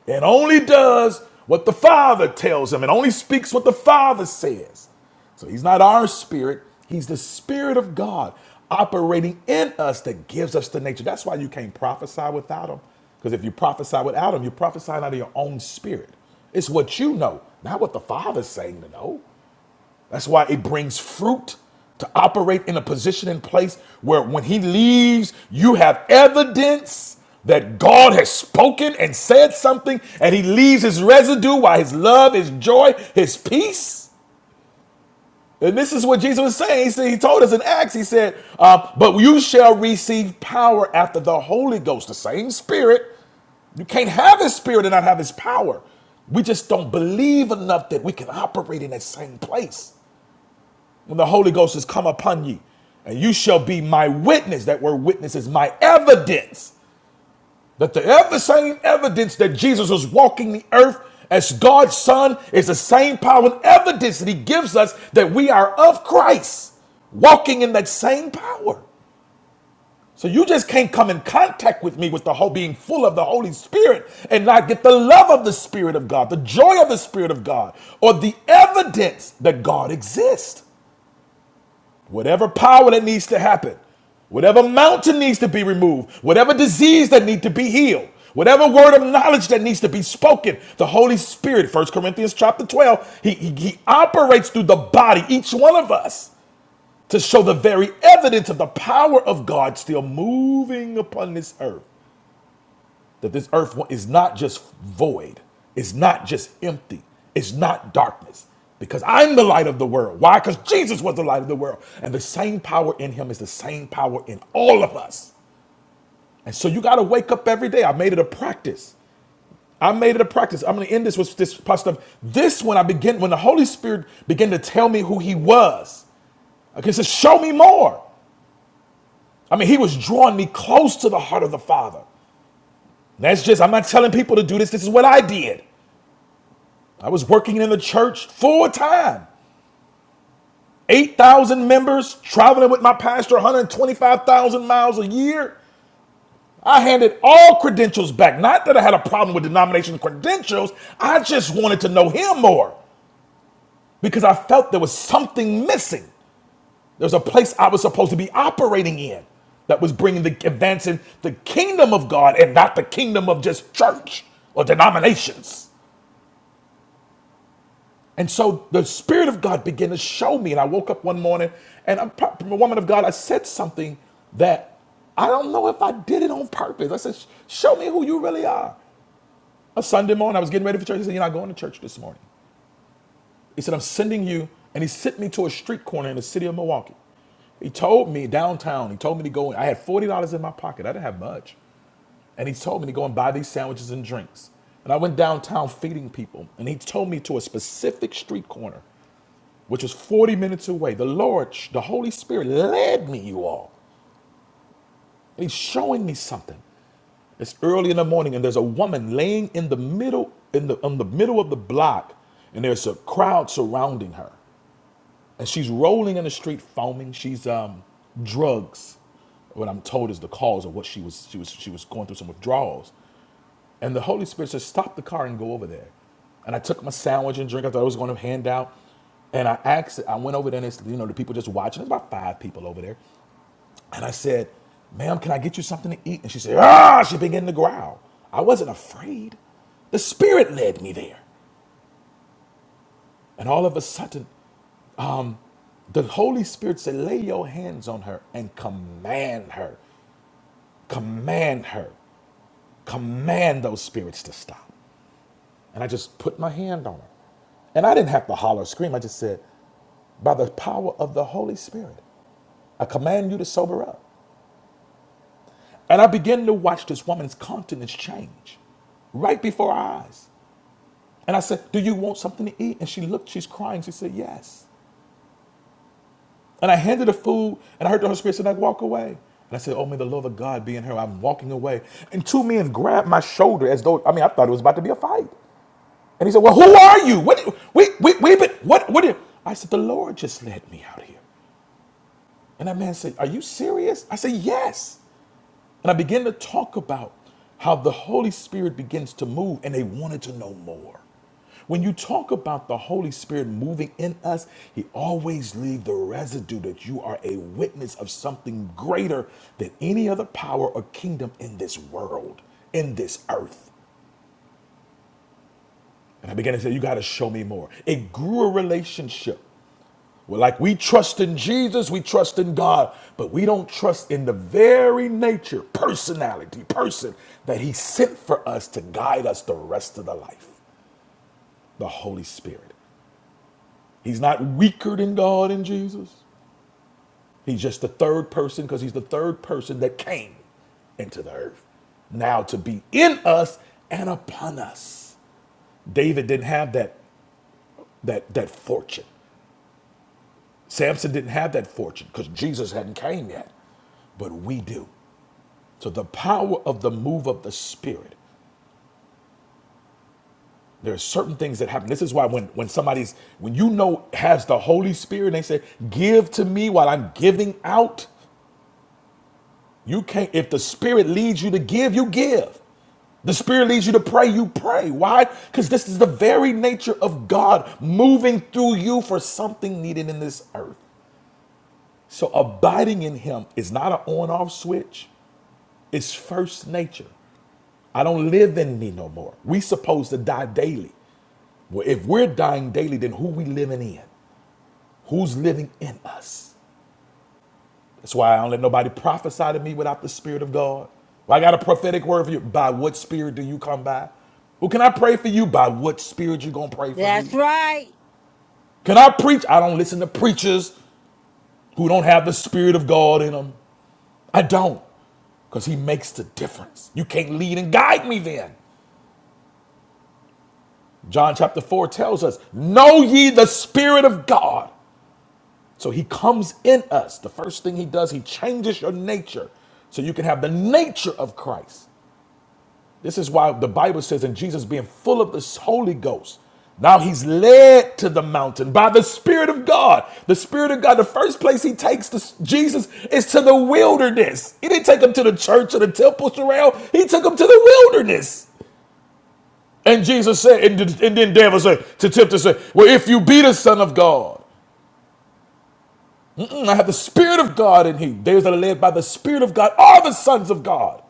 and only does what the Father tells him and only speaks what the Father says. So he's not our spirit, he's the Spirit of God operating in us that gives us the nature. That's why you can't prophesy without him. Because if you prophesy without him, you're prophesying out of your own spirit. It's what you know, not what the Father's saying to know. That's why it brings fruit to operate in a position and place where when he leaves, you have evidence that God has spoken and said something, and he leaves his residue while his love, his joy, his peace. And this is what Jesus was saying. He said, He told us in Acts, He said, uh, But you shall receive power after the Holy Ghost, the same Spirit. You can't have His Spirit and not have His power. We just don't believe enough that we can operate in that same place when the Holy Ghost has come upon you, and you shall be my witness. That word witness is my evidence. That the ever same evidence that Jesus was walking the earth as God's Son is the same power and evidence that He gives us that we are of Christ, walking in that same power. So you just can't come in contact with me with the whole being full of the Holy Spirit and not get the love of the Spirit of God, the joy of the Spirit of God, or the evidence that God exists. Whatever power that needs to happen, whatever mountain needs to be removed, whatever disease that needs to be healed, whatever word of knowledge that needs to be spoken, the Holy Spirit, First Corinthians chapter 12, he, he, he operates through the body, each one of us, to show the very evidence of the power of God still moving upon this earth that this earth is not just void, it's not just empty, it's not darkness. Because I'm the light of the world. Why? Because Jesus was the light of the world. And the same power in him is the same power in all of us. And so you got to wake up every day. I made it a practice. I made it a practice. I'm going to end this with this part of this when I begin, when the Holy Spirit began to tell me who he was. Okay, so show me more. I mean, he was drawing me close to the heart of the Father. And That's just, I'm not telling people to do this. This is what I did. I was working in the church full time. 8,000 members, traveling with my pastor 125,000 miles a year. I handed all credentials back. Not that I had a problem with denomination credentials, I just wanted to know him more because I felt there was something missing. There was a place I was supposed to be operating in that was bringing the advancing the kingdom of God and not the kingdom of just church or denominations. And so the Spirit of God began to show me. And I woke up one morning and I'm from a woman of God. I said something that I don't know if I did it on purpose. I said, Show me who you really are. A Sunday morning, I was getting ready for church. He said, You're not going to church this morning. He said, I'm sending you. And he sent me to a street corner in the city of Milwaukee. He told me downtown, he told me to go in. I had $40 in my pocket. I didn't have much. And he told me to go and buy these sandwiches and drinks. And I went downtown feeding people. And he told me to a specific street corner which was 40 minutes away. The Lord, the Holy Spirit led me, you all. And he's showing me something. It's early in the morning, and there's a woman laying in the middle, in the in the middle of the block, and there's a crowd surrounding her. And she's rolling in the street foaming. She's um drugs. What I'm told is the cause of what she was she was she was going through some withdrawals. And the Holy Spirit said, Stop the car and go over there. And I took my sandwich and drink I thought I was going to hand out. And I asked, I went over there and it's, you know, the people just watching. There's about five people over there. And I said, Ma'am, can I get you something to eat? And she said, Ah, she began to growl. I wasn't afraid. The Spirit led me there. And all of a sudden, um, the Holy Spirit said, Lay your hands on her and command her, command her, command those spirits to stop. And I just put my hand on her. And I didn't have to holler or scream. I just said, by the power of the Holy Spirit, I command you to sober up. And I began to watch this woman's countenance change right before our eyes. And I said, Do you want something to eat? And she looked, she's crying. She said, Yes. And I handed her food, and I heard the Holy Spirit say, like, walk away. And I said, Oh, may the love of God be in her. I'm walking away. And two men grabbed my shoulder as though, I mean, I thought it was about to be a fight. And he said, Well, who are you? What we we we been what what did I said, the Lord just led me out here. And that man said, Are you serious? I said, Yes. And I began to talk about how the Holy Spirit begins to move, and they wanted to know more. When you talk about the Holy Spirit moving in us, He always leaves the residue that you are a witness of something greater than any other power or kingdom in this world, in this earth. And I began to say, You got to show me more. It grew a relationship. Well, like we trust in Jesus, we trust in God, but we don't trust in the very nature, personality, person that He sent for us to guide us the rest of the life the Holy Spirit. He's not weaker than God in Jesus. He's just the third person because He's the third person that came into the earth now to be in us and upon us. David didn't have that, that, that fortune. Samson didn't have that fortune because Jesus hadn't came yet, but we do. So the power of the move of the Spirit. There are certain things that happen. This is why when when somebody's when you know has the Holy Spirit, and they say, "Give to me while I'm giving out." You can't. If the Spirit leads you to give, you give. The Spirit leads you to pray, you pray. Why? Because this is the very nature of God moving through you for something needed in this earth. So abiding in Him is not an on-off switch. It's first nature. I don't live in me no more. We supposed to die daily. Well, if we're dying daily, then who we living in? Who's living in us? That's why I don't let nobody prophesy to me without the Spirit of God. Well, I got a prophetic word for you. By what Spirit do you come by? Well, can I pray for you? By what Spirit you gonna
[laughs]
pray for me?
That's right.
Can I preach? I don't listen to preachers who don't have the Spirit of God in them. I don't, because He makes the difference. You can't lead and guide me then. John chapter 4 tells us, Know ye the Spirit of God. So he comes in us. The first thing he does, he changes your nature so you can have the nature of Christ. This is why the Bible says, in Jesus being full of the Holy Ghost, now he's led to the mountain by the Spirit of God. The Spirit of God, the first place he takes to Jesus is to the wilderness. He didn't take him to the church or the temple, Sherelle. He took him to the wilderness. And Jesus said, and, and then David said, to tempt to say, well, if you be the Son of God, Mm, I have the Spirit of God in Him. Those that are led by the Spirit of God are the sons of God.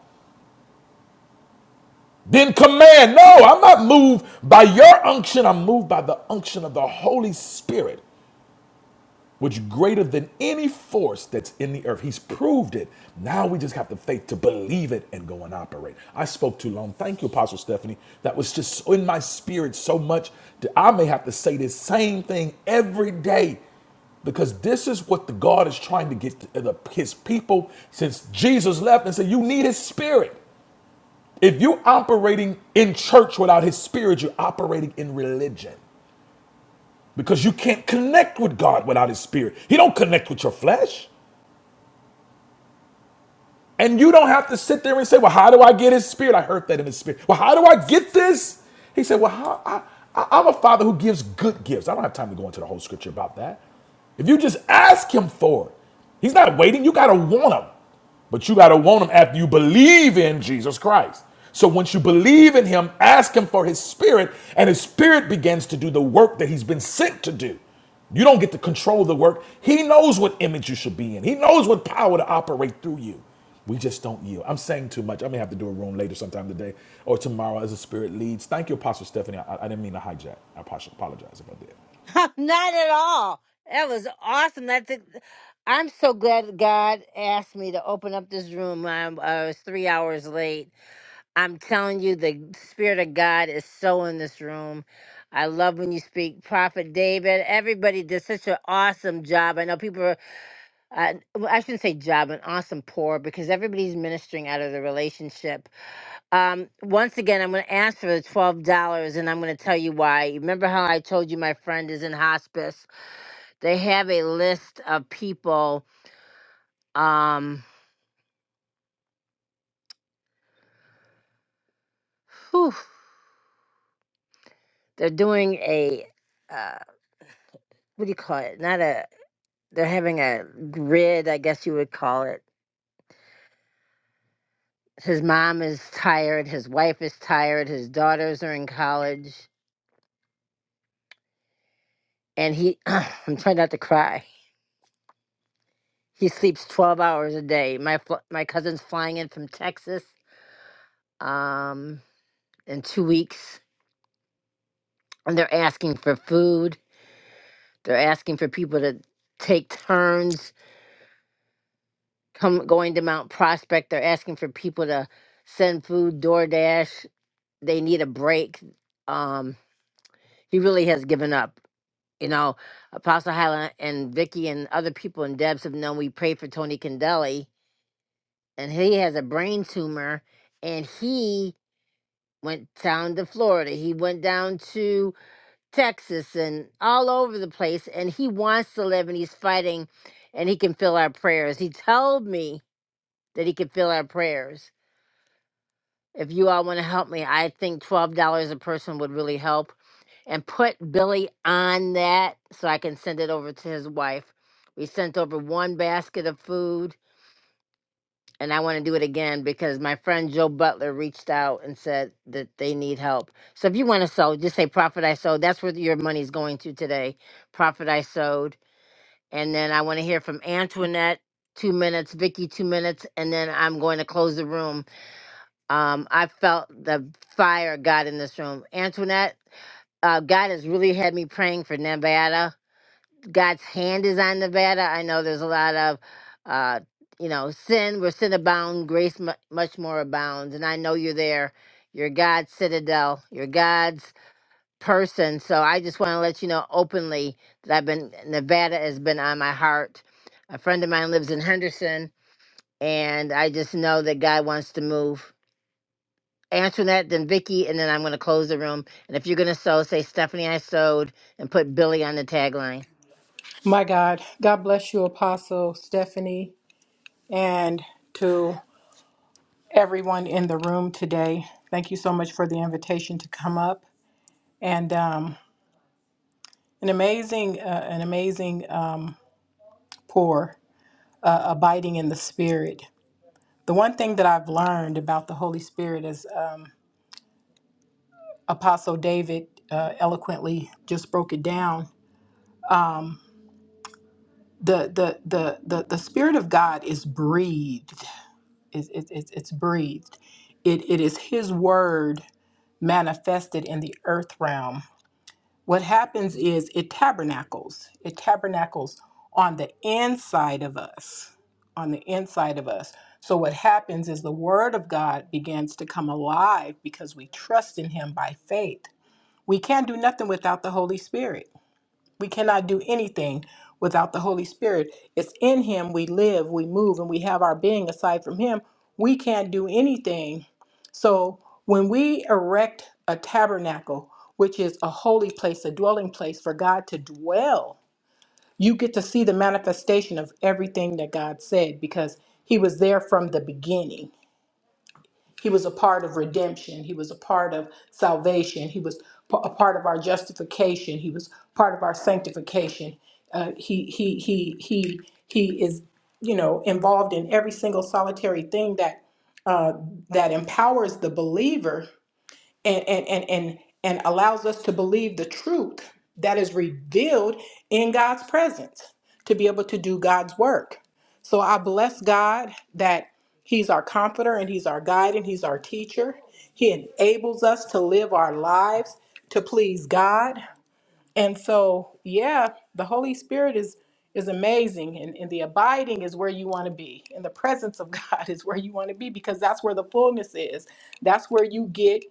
Then command. No, I'm not moved by your unction. I'm moved by the unction of the Holy Spirit. which greater than any force that's in the earth. He's proved it. Now we just have the faith to believe it and go and operate. I spoke too long. Thank you, Apostle Stephanie. That was just so in my spirit so much that I may have to say this same thing every day because this is what the God is trying to get to the, his people since Jesus left and said, You need his spirit. If you're operating in church without his spirit, you're operating in religion because you can't connect with God without his spirit. He don't connect with your flesh. And you don't have to sit there and say, well, how do I get his spirit? I heard that in His spirit. Well, how do I get this? He said, well, how, I, I- I'm a father who gives good gifts. I don't have time to go into the whole scripture about that. If you just ask him for it, he's not waiting. You got to want him. But you got to want him after you believe in Jesus Christ. So once you believe in him, ask him for his spirit, and his spirit begins to do the work that he's been sent to do. You don't get to control the work. He knows what image you should be in, he knows what power to operate through you. We just don't yield. I'm saying too much. I may have to do a room later sometime today or tomorrow as the spirit leads. Thank you, Apostle Stephanie. I, I didn't mean to hijack. I apologize if I did.
[laughs] Not at all. That was awesome. That's ex- I'm so glad God asked me to open up this room. I, I was three hours late. I'm telling you, the Spirit of God is so in this room. I love when you speak, Prophet David. Everybody did such an awesome job. I know people are, uh, well, I shouldn't say job, an awesome pour because everybody's ministering out of the relationship. Um, once again, I'm going to ask for the $12 and I'm going to tell you why. Remember how I told you my friend is in hospice? They have a list of people. Um, whew, they're doing a uh, what do you call it? Not a. They're having a grid, I guess you would call it. His mom is tired. His wife is tired. His daughters are in college, and he. [clears throat] I'm trying not to cry. He sleeps 12 hours a day. My fl- my cousin's flying in from Texas. Um, in two weeks, and they're asking for food. They're asking for people to take turns come going to Mount Prospect. They're asking for people to send food, DoorDash. They need a break. Um, he really has given up. You know, Apostle Highland and Vicky and other people in Debs have known we prayed for Tony Condelli, and he has a brain tumor, and he went down to Florida. He went down to Texas and all over the place, and he wants to live, and he's fighting, and he can feel our prayers. He told me that he can feel our prayers If you all want to help me, I think $12 a person would really help. And put Billy on that so I can send it over to his wife. We sent over one basket of food, and I want to do it again because my friend Joe Butler reached out and said that they need help. So if you want to sow, just say Profit I Sowed. That's where your money's going to today. Profit I Sowed. And then I want to hear from Antoinette, two minutes, Vicky, two minutes, and then I'm going to close the room um, I felt the fire of God in this room. Antoinette, uh, God has really had me praying for Nevada. God's hand is on Nevada. I know there's a lot of, uh, you know, sin where sin abounds, grace mu- much more abounds. And I know you're there. You're God's citadel. You're God's person. So I just want to let you know openly that I've been Nevada has been on my heart. A friend of mine lives in Henderson, and I just know that God wants to move. Antoinette, then Vicky, and then I'm going to close the room. And if you're going to sew, say Stephanie, I sewed, and put Billy on the tagline.
My God, God bless you, Apostle Stephanie, and to everyone in the room today. Thank you so much for the invitation to come up and um, an amazing, uh, an amazing um, pour, uh, abiding in the Spirit. The one thing that I've learned about the Holy Spirit is um, Apostle David uh, eloquently just broke it down. The, the the the the Spirit of God is breathed It's, it's, it's, it's breathed. It, it is His word manifested in the earth realm. What happens is it tabernacles. It tabernacles on the inside of us. On the inside of us. So, what happens is the Word of God begins to come alive because we trust in Him by faith. We can't do nothing without the Holy Spirit. We cannot do anything without the Holy Spirit. It's in Him we live, we move, and we have our being. Aside from Him, we can't do anything. So when we erect a tabernacle, which is a holy place, a dwelling place for God to dwell, you get to see the manifestation of everything that God said because He was there from the beginning. He was a part of redemption. He was a part of salvation. He was p- a part of our justification. He was part of our sanctification. Uh, he he he he he is you know involved in every single solitary thing that uh, that empowers the believer and and and and, and allows us to believe the truth that is revealed in God's presence to be able to do God's work. So I bless God that he's our comforter and he's our guide and he's our teacher. He enables us to live our lives to please God. And so, yeah, the Holy Spirit is is amazing and, and the abiding is where you want to be and the presence of [laughs] god is where you want to be because that's where the fullness is that's where you get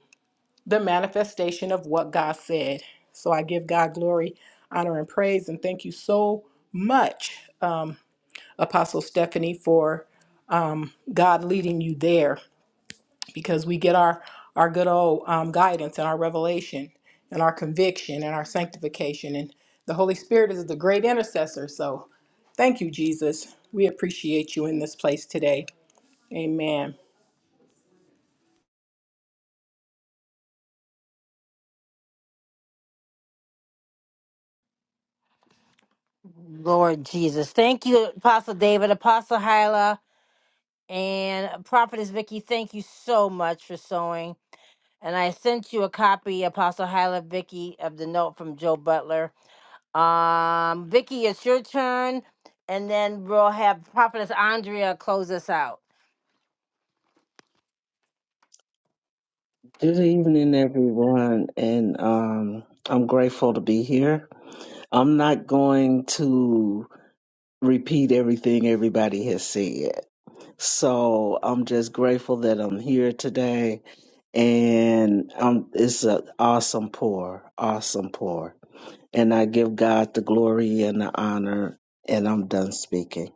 the manifestation of what God said. So I give God glory, honor, and praise. And thank you so much, uh, Apostle Stephanie, for God leading you there because we get our, our good old um, guidance and our revelation and our conviction and our sanctification. And the Holy Spirit is the great intercessor. So thank you, Jesus. We appreciate you in this place today. Amen.
Lord Jesus. Thank you, Apostle David, Apostle Hyla, and Prophetess Vicky. Thank you so much for sewing. And I sent you a copy, Apostle Hyla Vicky, of the note from Joe Butler. Um, Vicky, it's your turn, and then we'll have Prophetess Andrea close us out.
Good evening, everyone, and um, I'm grateful to be here. I'm not going to repeat everything everybody has said, so I'm just grateful that I'm here today, and um, it's an awesome pour, awesome pour, and I give God the glory and the honor, and I'm done speaking.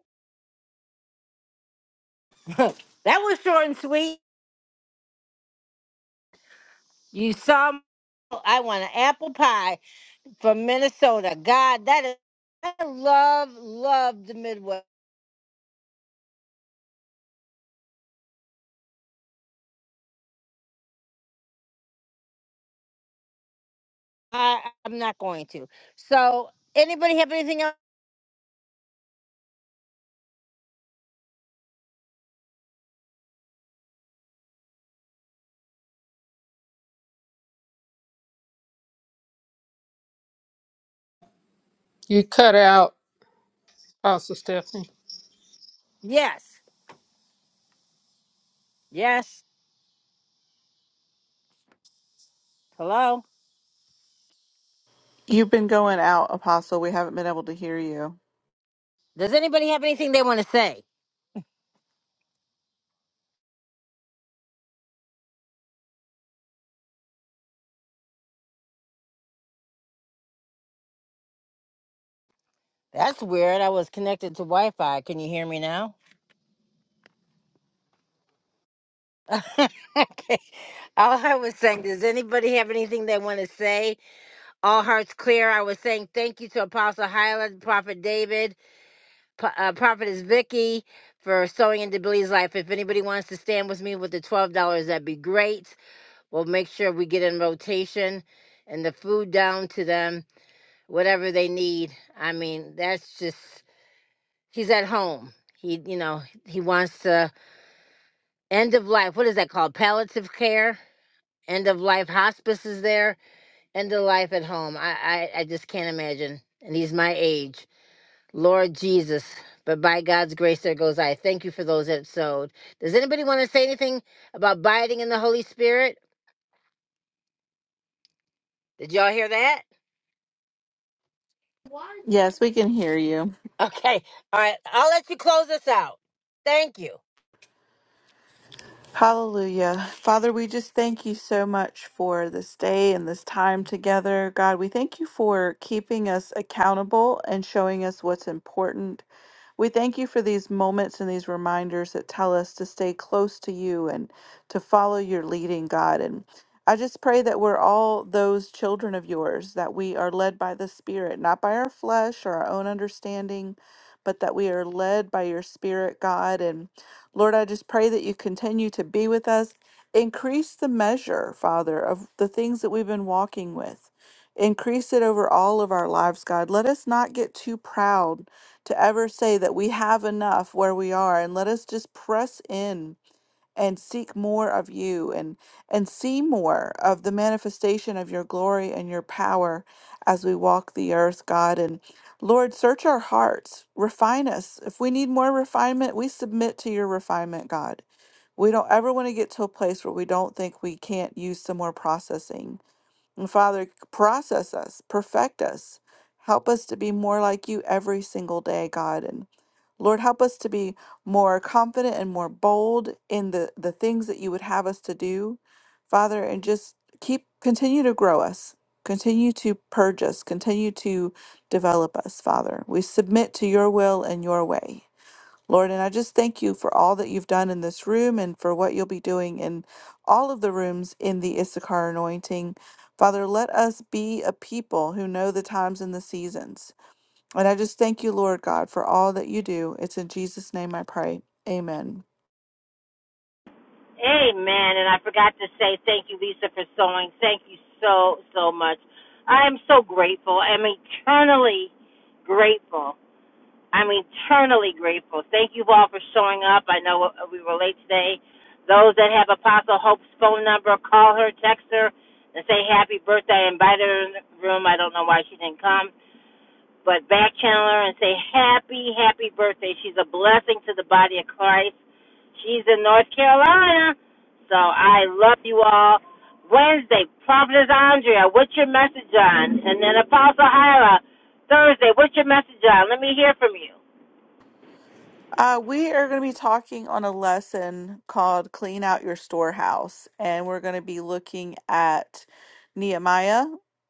[laughs] that was short and sweet. You saw I want an apple pie. from Minnesota. God, that is, I love, love the Midwest. I, I'm not going to. So, anybody have anything else?
You cut out, Apostle Stephanie.
Yes. Yes. Hello.
You've been going out, Apostle. We haven't been able to hear you.
Does anybody have anything they want to say? That's weird. I was connected to Wi Fi. Can you hear me now? [laughs] okay. All I was saying, does anybody have anything they want to say? All hearts clear. I was saying thank you to Apostle Hyland, Prophet David, P- uh, Prophetess Vicky for sewing into Billy's life. If anybody wants to stand with me with the twelve dollars, that'd be great. We'll make sure we get in rotation and the food down to them, whatever they need. I mean, that's just he's at home. He, you know, he wants to end of life. What is that called? Palliative care, end of life hospice is there, end of life at home. I, I, I just can't imagine. And he's my age. Lord Jesus, but by God's grace, there goes I. Thank you for those that sowed. Does anybody want to say anything about abiding in the Holy Spirit? Did y'all hear that? [laughs]
Yes, we can hear you.
Okay. All right. I'll let you close us out. Thank you.
Hallelujah. Father, we just thank you so much for this day and this time together. God, we thank you for keeping us accountable and showing us what's important. We thank you for these moments and these reminders that tell us to stay close to you and to follow your leading, God. And I just pray that we're all those children of yours, that we are led by the Spirit, not by our flesh or our own understanding, but that we are led by your Spirit, God. And Lord, I just pray that you continue to be with us. Increase the measure, Father, of the things that we've been walking with. Increase it over all of our lives, God. Let us not get too proud to ever say that we have enough where we are and let us just press in and seek more of you and and see more of the manifestation of your glory and your power as we walk the earth god and lord search our hearts refine us if we need more refinement we submit to your refinement god we don't ever want to get to a place where we don't think we can't use some more processing and Father, process us, perfect us. Help us to be more like you every single day, God. And Lord, help us to be more confident and more bold in the, the things that you would have us to do, Father, and just keep, continue to grow us, continue to purge us, continue to develop us, Father. We submit to your will and your way. Lord, and I just thank you for all that you've done in this room and for what you'll be doing in all of the rooms in the Issachar anointing. Father, let us be a people who know the times and the seasons. And I just thank you, Lord God, for all that you do. It's in Jesus' name I pray. Amen.
Amen. And I forgot to say thank you, Lisa, for sewing. Thank you so, so much. I am so grateful. I'm eternally grateful. I'm eternally grateful. Thank you all for showing up. I know we were late today. Those that have Apostle Hope's phone number, call her, text her, and say happy birthday. I invited her in the room. I don't know why she didn't come. But back channel her and say happy, happy birthday. She's a blessing to the body of Christ. She's in North Carolina. So I love you all. Wednesday, Prophetess Andrea, what's your message on? And then Apostle Hyla, Thursday, what's your message on? Let me hear from you.
Uh, we are going to be talking on a lesson called Clean Out Your Storehouse, and we're going to be looking at Nehemiah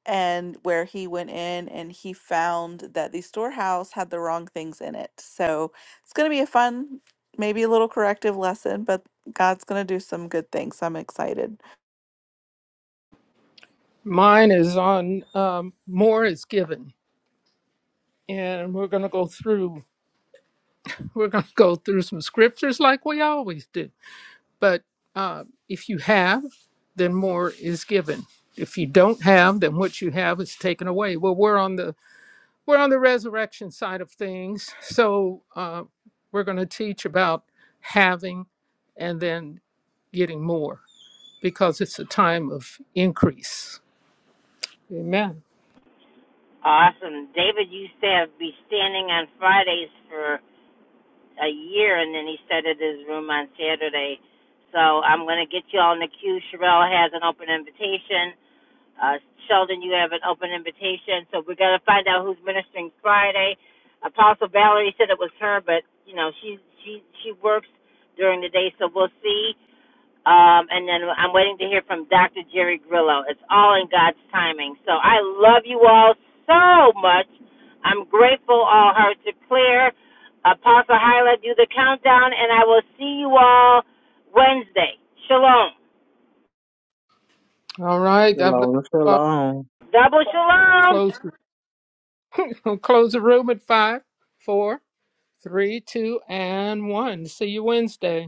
and where he went in and he found that the storehouse had the wrong things in it. So it's going to be a fun, maybe a little corrective lesson, but God's going to do some good things. so I'm excited.
Mine is on um, more is given. And we're going to go through, we're going to go through some scriptures like we always do. but uh, if you have, then more is given. If you don't have, then what you have is taken away. Well, we're on the we're on the resurrection side of things, so uh, we're going to teach about having and then getting more because it's a time of increase. Amen.
Awesome. David used to have, be standing on Fridays for a year, and then he started his room on Saturday. So I'm going to get you all in the queue. Sherelle has an open invitation. Uh, Sheldon, you have an open invitation. So we're going to find out who's ministering Friday. Apostle Valerie said it was her, but you know she she she works during the day, so we'll see. Um, and then I'm waiting to hear from Dr. Jerry Grillo. It's all in God's timing. So I love you all so much. I'm grateful, all hearts are clear. Apostle Hyla, do the countdown, and I will see you all Wednesday. Shalom.
All right. God bless.
Shalom,
You all.
shalom.
Double shalom.
Close. [laughs] close the room at five, four, three, two, and one. See you Wednesday.